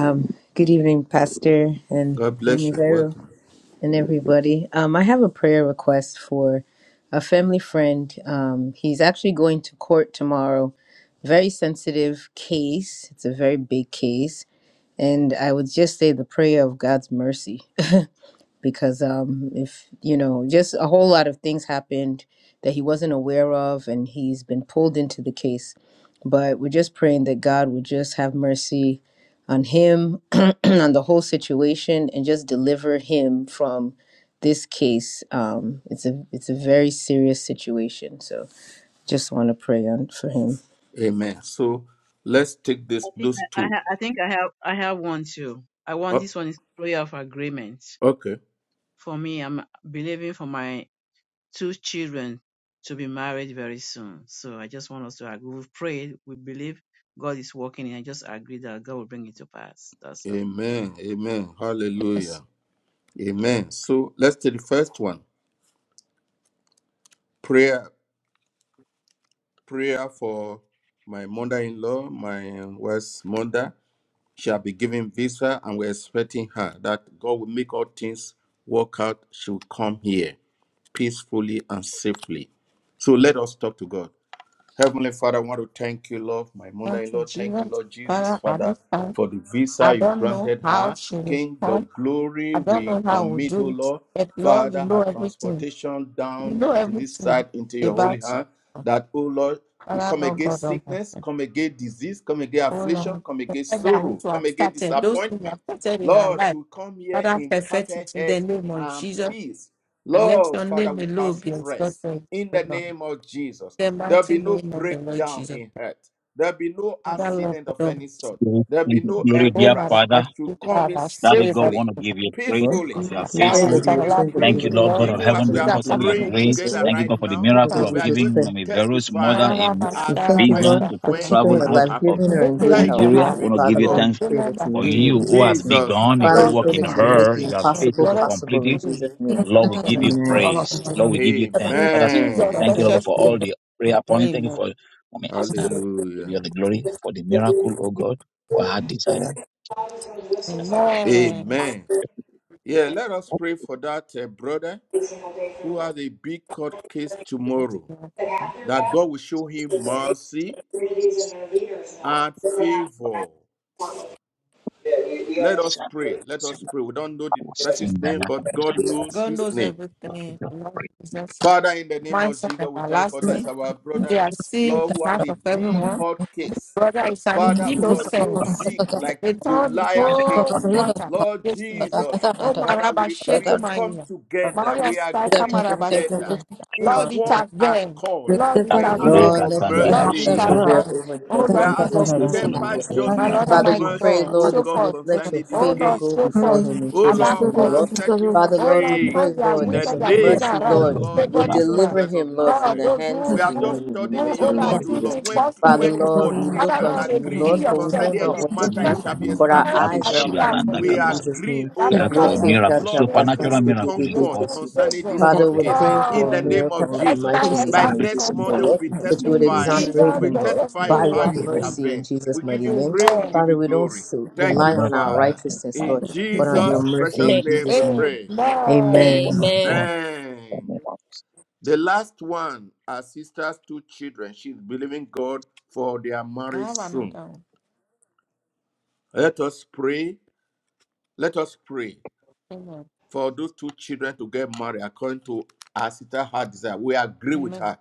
um, good evening, Pastor and
God bless
Mommy
you.
Vero
Welcome.
and everybody. Um, I have a prayer request for a family friend. Um, he's actually going to court tomorrow. Very sensitive case. It's a very big case, and I would just say the prayer of God's mercy. because um if you know just a whole lot of things happened that he wasn't aware of and he's been pulled into the case but we're just praying that god would just have mercy on him on the whole situation and just deliver him from this case um it's a it's a very serious situation so just want to pray on for him
Amen. So let's take
I
this
think
those
I, I,
two.
ha- I think I have I have one too. I want
Oh,
this one is prayer of agreement.
okay.
For me, I'm believing for my two children to be married very soon. So I just want us to agree. We've prayed, we believe God is working, and I just agree that God will bring it to pass. That's all. Amen.
Amen. Amen.
Yes.
Hallelujah. Amen. So let's take the first one prayer prayer for my mother-in-law, my wife's mother. She will be given visa, and we're expecting her that God will make all things work out. She will come here peacefully and safely. So let us talk to God. Heavenly Father, I want to thank you, Lord, my
unto
mother-in-law. Thank you,
Jesus.
Lord Jesus,
Father, at
Father,
this time,
for the
I
visa you
don't know
granted
how
her.
she will
King of
come.
glory,
I don't
we
know how we'll
commit, O
do it.
Lord,
But Lord, you
Father,
know
her
everything.
transportation
You
down
know
to this
everything
side into your holy
about
hand.
you.
That, O Lord, we
Father,
come
Lord God
against
Almighty.
sickness, come against disease, come against
Oh
affliction,
Lord,
come against
perfect that which
sorrow,
you
come
have
against
started. Those things you
disappointment.
have started in her
Lord, she
life.
will come here
Father,
in
perfect it
perfect
in the
health
name of
and
Jesus.
peace.
And let
Lord,
your
Father,
name alone
without
be
stress.
exalted.
In
O
the
Lord. In
name of Jesus.
The
There'll
mighty
be no
name of the Lord
breakdown
Jesus.
in health. There'll be no
Father, Lord
accident of
God
any
Almighty.
sort.
We
There'll be
Thank you,
no air
glory,
Oh,
dear
my
crash.
Rabbi,
Father.
To
Yes,
come
Father,
in
I
Daddy
pray
God, want
safely,
to
that.
give you praise
peacefully,
because
you,
you
my
are
we
I
pray
father,
will
faithful.
that you
so
will
give you
I
change the
Thank
believe
fruit
praise.
you,
you,
of the
Lord
Lord.
God of
heart
Even
heaven,
as
in
we
the
You
are
got
because
mighty
of
such
name
your
a
of
praying
good
Jesus, O
grace.
together
thing.
Lord.
Thank you,
right
God, for the
now,
You
Father,
miracle
can
Lord,
we
of
we
are
see.
just
going
giving
pray.
to
Mami Vero's
testify
mother a
Mara
We
as
Masala
thank you,
visa
well
Lord,
Masaka
to
for
when
keeping
travel
her
this
Namaste.
out
alive,
of
happens.
giving her
Take
in
the
good
way
Thank
health.
for
you,
Nigeria. We
her.
want to
faithful
give
Father,
you
I
Lord,
God.
have
thanks
we pray
women
that
that
you
for
would do
will
In
it
you
in
be
who
here.
has
Jesus' name.
Jesus'
begun a good
Father, we
Lord
pray
work
precious
in
that you would
Jesus.
make
name.
her.
the
You are
impossible
faithful
For
to
us
complete
possible in
to
it.
bring.
Jesus'
For
name.
us to
Lord, we give
follow.
you
For
Amen.
every
praise. Lord, we give you thanks.
In
Father,
Jesus'
Amen.
thank you, Lord,
precious
for all
name.
the prayer point. Thank you
Amen.
for Mami Esther. Give you
Hallelujah.
all the glory for the miracle, oh God, for her desire.
Amen.
Amen. Yeah, let us pray for that uh, brother
single day for the
who
Lord.
has a big court case
What is
tomorrow,
the last
But half their
that
pastors
God will show him
and their
mercy
communities and their leaders know
and
that they have to do
favor.
that. Yeah,
Let us pray. Let us pray. We don't know the
Sing
person's
the
name, but God knows
God
his
knows
name.
Lord, we
everything. Lord
just
Jesus.
Father, in the name
My
of
son
Jesus, we thank for
we,
this,
everlasting.
our
If they
brother,
are saved,
Lord, who has
heart
a
of
big
everyone.
court case.
brother is an
Father, oh Lord, it's so
innocent.
big,
pray.
like
They told the
did
Goliath
whole
case.
nothing.
matter
Lord
against him.
Jesus,
Oh,
Father,
Maraba,
we,
shake
we
my
come
ear.
together,
Maria
we
Staka
agree
Maraba
together
Stephen.
in
Lord, it
one
intervene.
accord.
Lord, it
We are asking
Lord,
intervene.
Taborega
for
let your
Tandiba
Lord, it
mercy
mercy.
Shila
prevail
intervene.
over
Oh,
We
Lord,
are
judgment in
King
this
asking
has
of
case in
glory.
available
temper
Jesus'
for the
name.
My
justice
Lord
miracle
with
and
Father,
in
my
you
God.
pray,
mercy,
God,
oh
Lord,
so
that
God,
you would
forth.
let your
concerning this
Oh,
favor
Lord,
case.
go
so
before
forth.
him in
O
Jesus'
Above
Lord,
name, O
forth.
and
Lord.
set him
Father,
Oh,
Lord, we
Lord,
free
pray,
turn their
in
Lord,
Nothing
the
that
is
wicked
your
Thank you.
and gather
impossible.
name
mercy,
of
around
Oh
the
Lord,
to
Lord, my
Lord
favor
God,
would
this
I'm
Jesus
man.
deliver
Christ of
him, Lord, from
God,
Nazareth.
the
those
hands
We
who,
of the
have
who,
Thank
who,
just
enemy in the
studied
oh,
in
mighty
you.
your
Lord,
name
word,
of
sorry.
O
accuse
Lord,
Jesus.
Lord,
him
thank
when, t-
Father,
falsely,
where two or
Lord, we
three
look
Father,
can
Lord,
unto you,
agree
reveal
Lord,
you.
for we
yourself,
Thank
know
concerning
O
not
any
Lord.
what to
matter, it
Set
do,
shall be
but our
yourself
established in
eyes
at
are
the
heaven.
start
upon
for
you
We
this
in
man.
Jesus'
agree,
name.
We
That
O
ask
we
total
for a
God.
have
is
miracle,
Lord,
experience
supernatural
testimony
you.
will
victory.
come
miracle
You
in God.
forth
experience
concerning this
favor.
Amen.
Father,
court
Pray
we're
for
case
other
praying for
in
people
a
the
God,
too.
name of
miracle in the
best
Jesus.
that
mighty
help
The
By
name
us
of
in
next
habits
Jesus,
and
O
Monday,
comfort.
Lord
we'll be
attitudes
that you
and
would
In
testifying.
this in
exonerate
We'll
Jesus'
the
be
him,
name.
Lord,
precious
We
testifying
by
of
name, we
also
how
your
have
pray
you
for me.
prayed.
mercy in
intervene.
Jesus'
We give
mighty
you
name.
praise, we give
Amen.
Father,
you
we don't
glory.
s-
I
Thank
rely
you,
bless
on our
Father.
my
righteousness,
my
In
Lord, but on
one
your
of
Jesus'
mercy
precious
in
one
name
Jesus'
we
name.
pray.
Amen.
Amen.
Amen.
of
Amen.
Amen.
God.
The last one, our sister's two children. She's believing God for their
I
marriage
have
soon.
another one.
Let us pray. Let us pray
Amen.
for those two children to get married according to our sister's heart desire. We agree with
Amen.
her.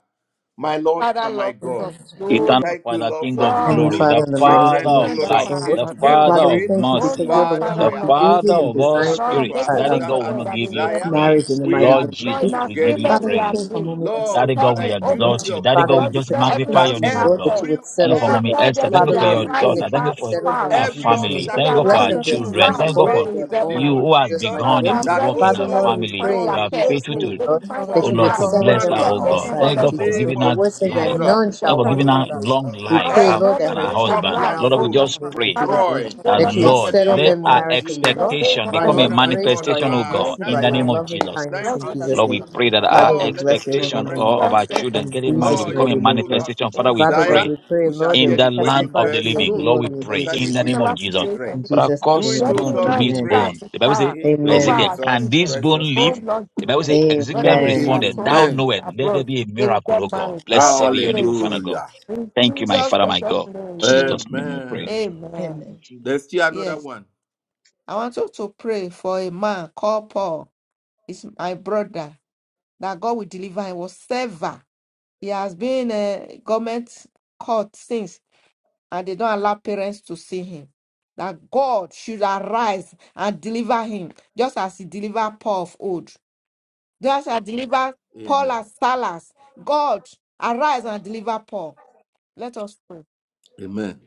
My Lord
Father,
and my
Lord, King
God,
of
we
glory.
eternal
thank you,
Father,
Lord,
King
for
of
these
Heavenly
Lord,
glory,
grown
the
Father, in
up
the mighty
those
Father
children,
name
O
of
of
children
Lord,
that
Jesus, oh
of
life,
are
Lord.
age
the
to get
grown.
Father
Father, we
of
married.
thank you
Oh,
because
mercy,
you're
Lord,
the one
Father,
who
Father,
the
we are
Lord God.
Father
created
asking,
and
of
O
all
God,
designed
according
Lord,
to
make
spirits.
our
a
uh,
Daddy
way
um,
sister,
God,
for
we want
them
heart
to
that they
give you
get
desire,
married.
marriage in
praise.
the
we
mighty name
Lord
agree
of
Lord, in
Jesus,
Jesus.
we give you
together
agreement
Father,
we
we
are
pray
praise.
for
free.
mommy
Lord,
Esther.
Daddy
and her
God,
Heaven
Father,
we
will
in
Lord.
exalt
unity
open.
you.
of
Daddy
Father,
God, we
if
Lord,
we
you
purpose,
just
say
petition
magnify
that
everyone
to
your
should
name,
you,
oh
have
Lord,
God.
that you
faith.
every
would
Thank you
settle
for
them,
Lord,
mommy
Lord.
every
tell
Esther.
them
Thank
to
you
Father,
for
blockage
their
be
Lord,
your
we pray
right
daughter.
removed,
that you
Thank you
would
for
settle them
our
in
spouse,
every
Jesus' name.
family.
to
Thank you
their
obstacle
God
be
for
right
Flesh
our
of their
removed
children.
flesh,
from the
spouse,
Thank you God
bone
Lord,
for
way
of
they
their
will
in the
get
name
you
bone,
married.
of
in
who has
Jesus'
Jesus.
mighty
Lord,
begun a
name.
that
good
That,
very
work in
oh
Father,
soon,
our
Lord,
Lord,
they
Lord,
will
we
the
family.
find
pray
door
You
their
be
in
are
pair.
Jesus'
faithful
name,
to,
They
open
Lord,
will find their
oh
that
for
you would
Lord,
their
spouse.
to
settle
bless her,
them on
Their
marriage
oh
all
name
God.
in
of the
sides
Thank
the
you
in
God
Lord
for
Jesus' name.
name
Jesus.
giving
The
us
of
word says
life.
that
Oh,
Jesus.
Lord,
none
King of
Thank
shall
you for
want
giving
their
her
glory.
mate.
long
We
life
pray,
Lord,
her
Lord,
none
Every
that
and
of
her
her
them shall
spiritual
children
husband.
will
lack,
not
Lord,
oh,
we
want
blindfold
their
just
Lord.
mate in
pray
Father, I
Jesus' name,
destroyed
think, oh,
that,
that
Lord,
you
you
would
are
in the
sick
Lord,
for
settle
let
name
them
our
of
them. In
maritally,
Jesus.
the
Lord
name
expectation
of
My
by
the
become
your
a
Lord
Lord
and my
grace,
God,
Jesus.
by
manifestation,
your
oh
arise.
God,
Thank
mercy,
you,
in
by
the
Thank
your
name
you,
of
Father.
loving
Jesus.
Jesus.
kindness
Thank
Bless
in
you,
Jesus'
Lord,
name.
we
Jesus.
pray that
you.
our
Father, we
Lord, let your
bless your holy
favor
expectation
rest
name.
oh, of
That's
upon
our
that's
them.
children
that's
In
getting
the thing
married will
Jesus'
I
Lord,
become
mighty
a
think.
even
name,
all Lord,
Lord.
as we
manifestation. Father,
Oh
we
Father, Lord,
desire,
pray
God,
we pray,
we shall
Lord, they
in
hear
will
the
the land
wedding
testify
of
to
the
bell
your
thank
living.
you,
soon
Lord,
glory
we
Lord.
in
pray
concerning
Jesus'
in the
That's
name.
these
a
name of
two
lot
Jesus.
children.
In
situation.
Father,
Jesus' mighty
Do
cause
it,
Why
O
name.
do
bone
you
to
God, we
not
meet
Amen.
start
pray.
bone.
to
The Bible says
start
In
to
over
Amen.
Ezekiel,
our
can
Jesus'
this
children?
bone
precious
Oh
live?
name.
Lord
The Bible
Jesus,
says,
whether
Ezekiel
it's
Amen.
at
responded, Thou
home,
Amen.
it's
knowest, let there
abroad,
be a
they will
miracle,
get
O God.
married. That's
Blessed
a
be your name, O
miracle.
Father God.
Hallelujah.
In
Thank you, my
Jesus
Father, my
Christ's
God.
name we
Jesus'
pray.
name we pray.
Amen.
In
Amen.
Amen.
Jesus'
There's still another
Yes.
one.
I want you to pray for a man called Paul. He's my brother. That God will deliver him whatsoever. He has been a government caught since. and they don't allow parents to see him. That God should arise and deliver him, just as he delivered Paul of old. Just as he delivered Paul
Amen.
as Salas. God, arise and deliver Paul. Let us pray.
Amen.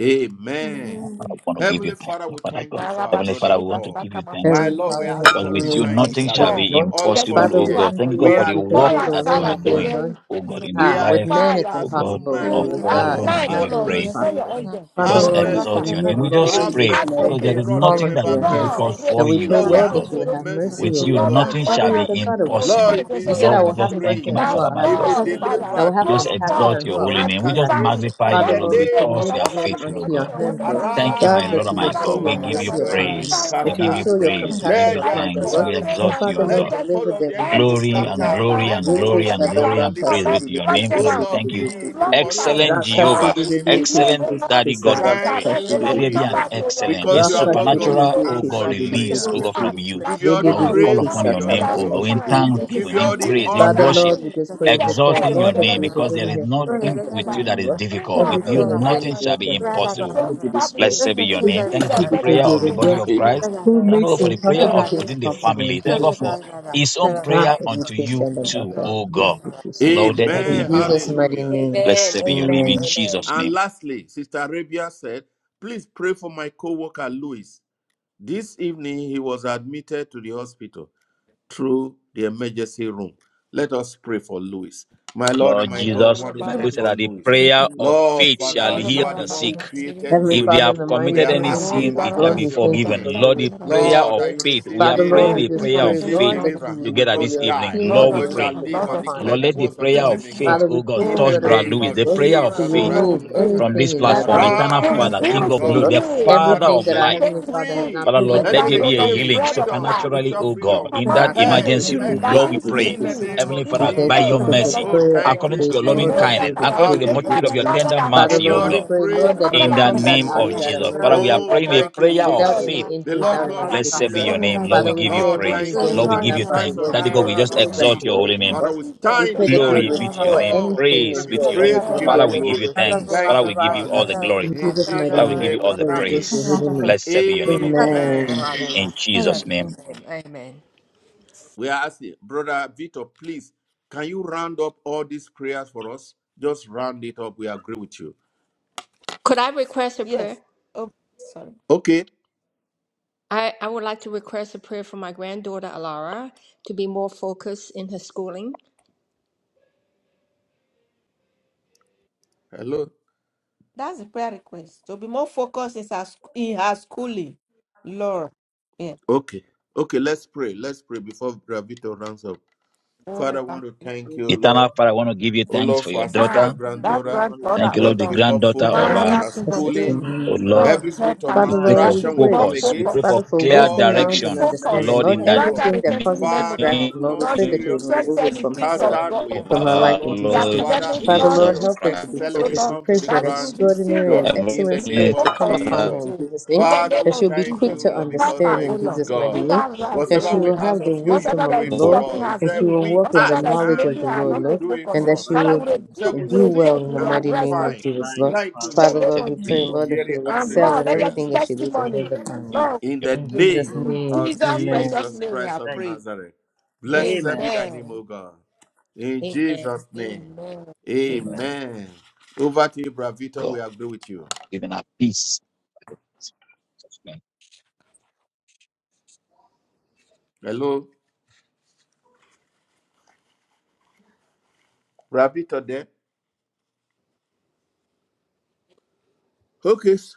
Amen.
Father, we want to give you
Heavenly
thanks,
Father,
oh
we
Father
thank
God.
you for our
Heavenly
This
brother
Father, we want to
Paul.
give you thanks
My
Heavenly
Lord, we
Father,
are
in the
asking
because
for
mighty
with you
divine
name of
is
nothing
Jesus,
shall
Paul.
be
intervention.
Lord.
All of
There's
impossible,
us
Father,
nothing
oh
to
we
here,
God.
ask
thank
Thank
for
you,
you, God,
you.
we
for
Lord,
the
because
work
Paul
agree
you're
and
the
that
as
one
you
who
are
Salas,
one
they
says,
name.
man.
doing,
were in
on.
oh God,
prison.
in the
We
Ah, with
life,
men
agree
it's
Father,
oh
as
God,
one
impossible,
man,
of
you
but
oh
with
Paul.
at
We
God,
want
God.
to
night,
give
oh
Have
you
nothing
Lord,
is
you
praise.
send
mercy.
your
impossible.
angel
We
Father,
Have
just
to
Lord, we
deliver.
exalt
mercy.
your
commit,
name. We
He
Lord,
just
Have
is
pray
this man,
mercy.
because there
In
advocate.
is
wrath,
fall
nothing that
into
remember
is
your
Lord,
difficult
mercy.
hands. And
for
we
reveal
you,
pray,
Lord, we're
oh
yourself
Lord,
asking
that
God.
you
unto
for
would
those
have
people.
mercy,
mercy, O
With
O
you,
Lord.
Lord, no
God,
Ah,
nothing
for
Father,
shall
him.
you're
be
matter
the
the,
God of
the
mercy.
Lord, he
impossible.
offense they
be
You
say you
said, I
Lord,
have
set
we
will have
just
committed,
thank
mercy
you,
on
free.
my
who
Father,
that's
I will
my
have
He
God.
be
mercy
Lord,
on.
Father,
I will
delivered,
We
O
have
just
cause
Lord, from,
compassion
exalt
forth
on
your
who I will
holy
have
and
name. We just
deliver
compassion.
him.
incarceration.
magnify
In
Father,
you,
When
the
he
Lord,
Lord, we
saved,
name
oh
because
of
commit
you
Lord,
are
them
whatever
faithful,
Jesus.
oh
unto
God.
your
condition,
hands, Lord.
whatever
Thank you,
problem,
God,
my Lord
that
Arise,
and
you
O
would
my
Father,
show
God.
your
We
Lord,
God.
give
Father,
you
Let
mercy
your
mercy,
upon
enemy
them,
be
deliver
praise.
him
We
that you
give
would
you
scattered.
show your
praise.
completely.
We give
compassion
you
Let
I
their
upon
will
them,
be
thanks.
Lord.
a
We
change
purposes,
And
exalt
and
you,
Father,
O
good
let
Lord,
the
God.
person.
purpose
deliver
of
them
the
in
enemy be
Every
Jesus'
Glory
mighty
scattered.
name.
and
sickness
And
glory
that
let,
and
O
upon
Lord,
him,
glory
Rekesha
and
da
freedom
whatever,
glory
and
and
baka
Lord,
praise be
Lord,
seri
to
liberty,
de
your
pluck
name,
beke
them
O
Father. We
out.
seri
Lord,
de
thank you.
beke
be the
Block
shi.
it
portion
out.
of
Excellent
Raka
all
Jehovah,
in
Lord,
seri
the
de
this
name of
beke
delay, oh
excellent
seri
Jesus.
de
Lord,
Daddy
kusa
God,
and
we
da
this
pray.
Thank
daka
arrest,
you,
oh
seri
Lord,
Let
de
will
there be
come
Thank
beke
an
Jesus,
back
shi.
to you,
excellent, a
because you are
to
Raka
Amen.
give
Lord God
seri
you
who
de
supernatural,
glory
O
beke
God,
answer
seri de
release,
prayer.
O
beke
God,
shi.
heart
from
We
you.
give
that
you all
Rede
the
Lord,
de
we
God
call
praise,
beke
we
upon
shall
give
your
you all
sata
the
name,
recover
O
the
baka
God,
seri
in
glory,
de
find
beke
we give
thanksgiving,
you
shi.
in
all
and
the
heal
praise, in
Father
total
honor
worship,
Lord, we
healing
just
in
pray
in
for
the name
Paul,
exalting
of
your
Jesus'
Lord,
the
that
name,
you
Lord
name.
will
because
Jesus
there
deliver
is
Christ.
him from the
Thank
nothing
hands of
you,
with
the
you that
enemy.
Father.
is
Lord,
Bring
difficult. With
every
power to
you,
his
plan of the
wife
nothing
and
enemy
shall be
against
children,
their life,
impossible.
let
to
it
his
be destroyed.
Let's
family.
say be your
In
Thank
name. Thank you for
Jesus'
you
the
because
prayer
precious
you're
of the
the
name,
body
I
God
of
pray.
Amen.
Christ.
who
Thank
makes
you
the
for the prayer
impossible
of
Amen.
things
and
within the
Amen.
possible in
family. Thank
Jesus'
God
name.
for his own
Not
prayer
In
unto you
Christian the
Yes,
too,
backer,
Lord.
Oh
please,
God.
if you so.
Lord, let there be
In
a
Amen.
Jesus'
miracle.
mighty
Hallelujah.
name.
Blessed be your name in
Amen.
Jesus'
And
name.
lastly, Sister Arabia said, Please pray for my co worker Louis. This evening he was admitted to the hospital. through the emergency room. Let us pray for Louis. My Lord and
Lord
My
my God, we
Jesus,
want
the
to
Bible
thank
said
for
Yakorobaramas-
that the
Louis.
prayer of
Lord,
faith shall
Father, you
heal
are the
the
one who
sick.
Amen.
created
Yorobarabaramasinga.
Heavenly
If they
Louis.
Father, in
have
the
We
mighty
committed
are
name
any
of
asking,
sin,
Jesus,
have
it shall
Lord,
be
we
mercy
thank
upon
you
Oribarabasinga,
forgiven.
him.
for
Lord,
Lewis
the
and
Sakamaraba.
Jesus'
prayer
Lord,
of
that
name.
you
faith.
receive
We are
Father, Lord,
healing,
praying
Oh, the Barabbas. Oh,
we
the Barabbas. Oh,
a
King
just
you
prayer
of
pray,
of
Kings,
receive
faith
Lord,
Lord
that
of
you
deliverance. He
Kings,
will,
will
together
for
this
not
your
evening.
die,
healing
Lord
Lord, we
of
but
Lords,
shall
anointing
pray.
to
live
come
Lord
and
of
upon
Lords,
declare
him
Lord,
the
in
let the
words
Jesus'
of
name.
the
prayer
King
of
living
Amen.
faith,
God.
Father, we
oh God,
plead the
In the
of
touch
blood
Kings.
of
Brother
name
Lewis.
Jesus,
of
The
Lord,
prayer of
to
Jesus
Oh,
faith.
that
Christ of
was
remove
good.
Nazareth.
from this
anything in
That
that
platform,
I
body that
Eternal
does
will
not
Arise,
Father,
O
still
King
belong
of
there,
see
Glory,
Lord.
the
God.
healing.
Father
Father,
Everything
of
that
set
our
him
life.
Take
Heavenly
the
Father has
fruit,
free.
not
Father Lord,
take
Let
let
planted,
him
that,
there
we
O
be a
Lord,
regain
the
uproot it in
healing
the
bread of
mighty
freedom,
name
life.
of
supernaturally,
spiritual
Jesus.
oh
We
God,
freedom.
in that
command
Head,
healing
his
emergency room.
head
that
Lord,
back
we
leaves
pray,
in the
Rakashiribikisikiribikisi.
disease.
name
Heavenly
of
In
We
the
Father,
thank
by
you
name
your
Jesus.
of
because
the
the
Lord
mercy,
Oh,
prayer of
thank
according
you,
Jesus.
to
faith,
your loving
Lord, will
Jesus.
Maria
heal
kindness,
the
according
Karamu,
to
sick
the
say
in
you are
multitude
Jesus'
of
the
your
name.
Hallelujah.
Lord God
tender
that
We
Father,
healeth
give
mercy,
you
oh
thee.
Lord,
all
we
the
You
God,
pray,
are
praise,
the
Lord,
we
that
Lord
he
give
God
you
will
in
all
the
that
come
the
healeth
back
name
out
of
of
you.
glory.
that
Jesus. Father,
In
we are
the
emergency
Oh,
name
room,
praying
of
a
Lord,
thank you,
prayer of
without
Jesus.
Jesus.
any
faith.
The
injury,
Lord
without
Ah,
God
any
Father,
who
Blessed
sickness,
healed
be
Lord.
your
comfort,
name.
O
us.
Lord,
Father,
we
Lord.
we
give you
pray
Lord,
everything
praise.
thank
Comfort,
you.
Lord,
O
damaged
we
By
in
the
give
Lord.
you
that body,
stripes
thanks.
Lord.
of
We
Daddy God,
pray
Comfort,
we
Jesus,
for
he
just
O
full
was
Lord.
exalt
healed.
your holy
restoration,
In
name.
Lord.
Father, we
Jesus'
We
stand in
pray
the
that
precious
you
Thank
would
gap.
Glory be
name.
to your
restore
you.
name.
Lord, we
anything
Praise
give
in
you
be to
there
your
that
name.
Amen.
has
praise, we
been
give
Amen.
you
Father, we
damaged
give you
glory.
and broken.
thanks.
Thank
Father,
you,
we give you
Father.
all the glory.
In
In
Jesus' mighty
Father,
Jesus'
we
name,
give you
name we
I
all the
pray with this,
pray.
your
praise.
holy name.
Blessed be your name, O God.
Amen.
Amen.
In Jesus' name.
We are asking, Brother Victor, please, can you round up all these prayers for us? Just round it up. We agree with you.
Could I request a prayer?
Yes. Oh, sorry.
Okay.
I, I would like to request a prayer for my granddaughter Alara to be more focused in her schooling.
Hello.
That's the prayer request. To be more focused in her, sc- in her schooling. Lord. Yeah.
Okay. Okay, let's pray. Let's pray before Brother Victor rounds up. Father,
Glory
I
to-
want to thank you, Lord.
Eternal Father, I want to give you
Oh,
thanks
Lord,
for
for
your
our sister
Ah,
daughter.
Thank
that's
you
granddaughter.
right,
for love.
daughter,
Thank you,
oh
Lord,
Lord, to
the
be
Lord.
more
That
granddaughter of
focused in
our,
Lord,
Father,
her
King of
this
is
is the
schooling.
glory.
focused
meaning
oh
of
Lord.
and
Lord,
Every
life.
give
help
spirit
a
of
her.
We
Father,
pray
mind
Lord,
to
for
That
we
be
she
distraction
able
be
we
to
pray.
more
come
focus. We
against.
pray
Amen.
comprehend
focused.
Father,
for
for
clear
Lord,
wisdom,
should be
knowledge,
every
and
direction,
that
understanding.
focused.
spirit,
Lord,
O
Lord,
in the
worship
Grant her
Lord,
of
everything
a
that
your
careful
given
causes
us
Father
memory.
of
name
distraction,
comes
Lord,
no
we
to
God
pray that
should
you
be
would
pray,
seriousness,
remove it
trusted
we
in
from
to
things
do
cast
of
herself,
well in
out,
God, in
we
the
of
from
school,
things
her
ask, O
to
of
our
life in
Lord,
the
prosper
Jesus'
our
Lord
name.
Father,
life,
O
academic
Lord,
Father,
blood,
Lord,
Spirit
Jesus
the
of
help her
school
to be
news,
excellence,
oh
we
focused.
Christ.
We
Lord.
come to
pray
the
and
for an
That
to
she will
grand
be
fruit and
extraordinary and
serious,
daughter
young
in
excellent
the
should be
people.
name
Heavenly
spirit to
of
come
focused
upon
Father,
to
her
We will
Jesus.
in
you.
Jesus'
us
name,
In the
through
Father,
name
we
that
of
she'll be
and
thank
quick
Jesus,
full
you, O
of
to
all
Lord,
the
help
because you are
her,
understand
a
things
in
oh
we
good
Lord.
Jesus' mighty
Bring
God.
name,
her
The
right,
that
world
Whatever
she
oh
we
will
can
ask
have
man.
the
of you, you
wisdom
Whatever
do
of
that
the
it
is
pray.
for
oh,
Lord,
disturbing
us. He
her
and
said,
she
view,
will
We
walk in the
We
whatever
ask
that is
knowledge
and
of
making
fight
the
her
you
Lord,
making
not
will
us
to
Lord,
to
do it
be
and
focus,
for
that she
us.
Father,
will
worship
we
in the
So
rebuke,
we
and
death
we
and
do
Christ
seek
well
reject,
in
in
the
we
and we
mighty
arrest
name
such
of
find.
Jesus,
Lie
issues.
Lord.
of
Thank
heart
you,
In the
and
Father,
Lord
name
Lord,
God.
blessed
of
we pray,
Jesus.
In
be
for
Lord, that she
hearing
will
Jesus'
And
answer
excel
these
Lord,
name.
in
let there be
prayers.
everything that she lays her
testimony.
hands upon, Lord.
Lord,
In
your
the
In
we praise
Jesus'
name
you.
Amen.
in
name,
of
Jesus'
amen.
precious
Jesus
Amen.
name we
Christ
have
of
Thank
prayed.
Nazareth.
you.
Blessed
Amen.
be thy name, O
Amen.
God. In
Amen.
Jesus' name.
Amen.
Amen.
Amen.
Amen. Over to you, Bravito.
God,
We agree with you.
giving our peace.
Hello, Bravito there. Okay, s-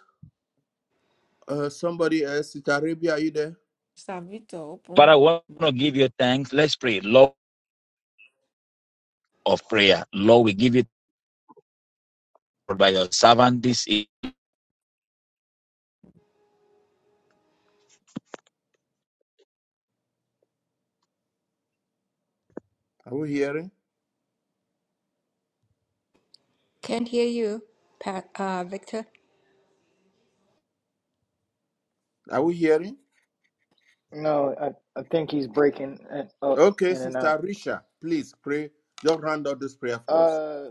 uh, somebody else. Sister Arabia, are you there?
Savita,
Father, I
open
want
my
to give you thanks. Let's pray. Lord of prayer. Lord, we give you thanks by your servant this evening.
Are we hearing?
Can't hear you, Pat, uh, Victor.
Are we hearing?
No, I, I think he's breaking it up
Okay,
in and out.
Sister Risha, please pray. Just round up this prayer for us.
Uh,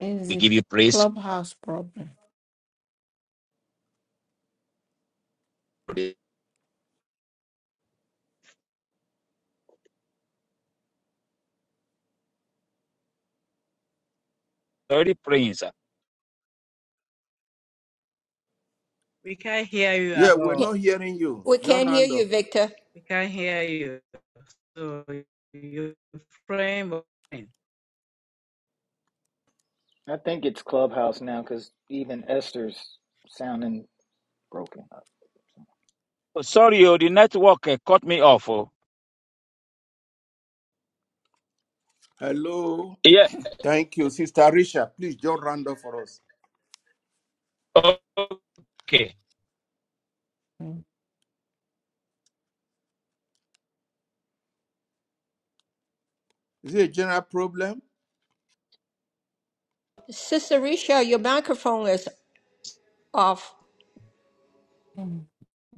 is
We
the
give you praise
clubhouse problem.
for the already praying, sir.
We can't hear you at
Yeah, we're
Can't-
all.
not hearing you.
we
Just
can't hear
round
you,
up.
Victor.
We can't hear you. So you frame of
I think it's Clubhouse now because even Esther's sounding broken up.
Oh, sorry, oh, the network uh, cut me off. Oh.
Hello.
Yeah.
Thank you, Sister Arisha. Please just round up for us.
Okay.
Is it a general problem?
Sister Risha, your microphone is off.
Mm.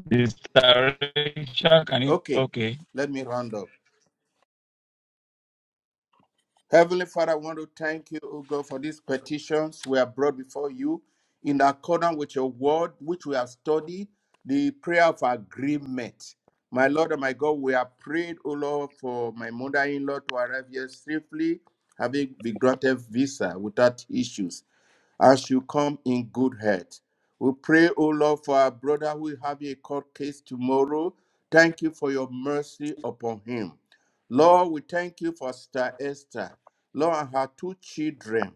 This direction, can you?
Okay,
Okay.
let me round up. Heavenly Father, I want to thank you, O God, for these petitions we have brought before you in accordance with your word, which we have studied, the prayer of agreement. My Lord and my God, we have prayed, O Lord, for my mother in law to arrive here safely, having been granted visa without issues. as you come in good health. We pray, O Lord, for our brother who will have a court case tomorrow. Thank you for your mercy upon him. Lord, we thank you for Sister Esther, Lord, and her two children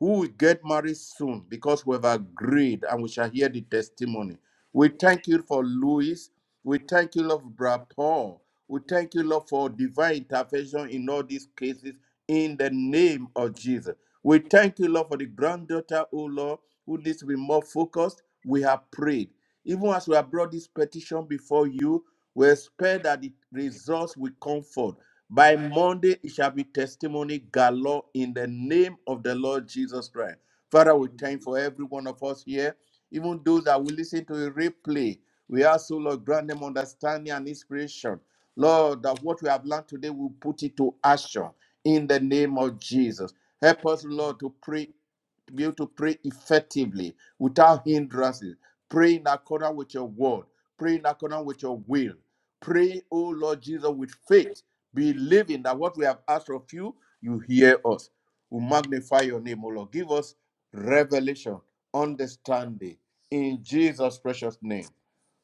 who will get married soon because we have agreed and we shall hear the testimony. We thank you for Louis. We thank you, Lord, for Brother Paul. We thank you, Lord, for divine intervention in all these cases in the name of Jesus. We thank you, Lord, for the granddaughter, oh Lord, who needs to be more focused. We have prayed. Even as we have brought this petition before you, we expect that the results will come forth. By Monday, it shall be testimony galore in the name of the Lord Jesus Christ. Father, we thank for every one of us here, even those that will listen to a replay. We ask, oh Lord, grant them understanding and inspiration. Lord, that what we have learned today, we put it to action in the name of Jesus. Help us, Lord, to pray, to be able to pray effectively without hindrances. Pray in accordance with your word. Pray in accordance with your will. Pray, oh Lord Jesus, with faith, believing that what we have asked of you, you hear us. We magnify your name, O Lord. Give us revelation, understanding in Jesus' precious name.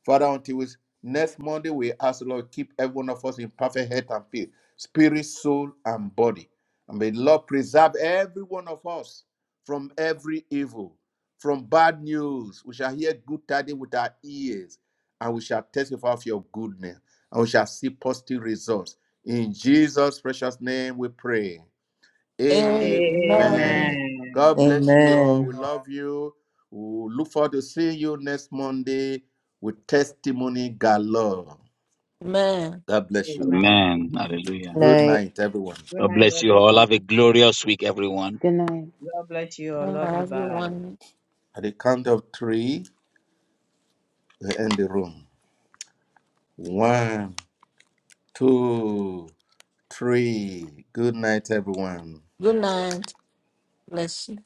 Father, until we, next Monday, we ask, Lord, keep every one of us in perfect health and peace, spirit, soul, and body. And may the Lord preserve every one of us from every evil, from bad news. We shall hear good tidings with our ears, and we shall testify of your goodness, and we shall see positive results. In Jesus' precious name we pray.
Amen.
Amen. God
Amen.
bless you all.
Amen.
We love you. We look forward to seeing you next Monday with testimony galore.
Amen.
God bless you.
Amen.
Amen. Hallelujah.
Good
Night.
night, everyone.
Good
God
night,
bless you all. Have a
everyone.
glorious week, everyone.
Good night.
God bless you. I love you. Bye.
Everyone,
At the count of three, we end the room. One, two, three. Good night, everyone.
good night. Bless you.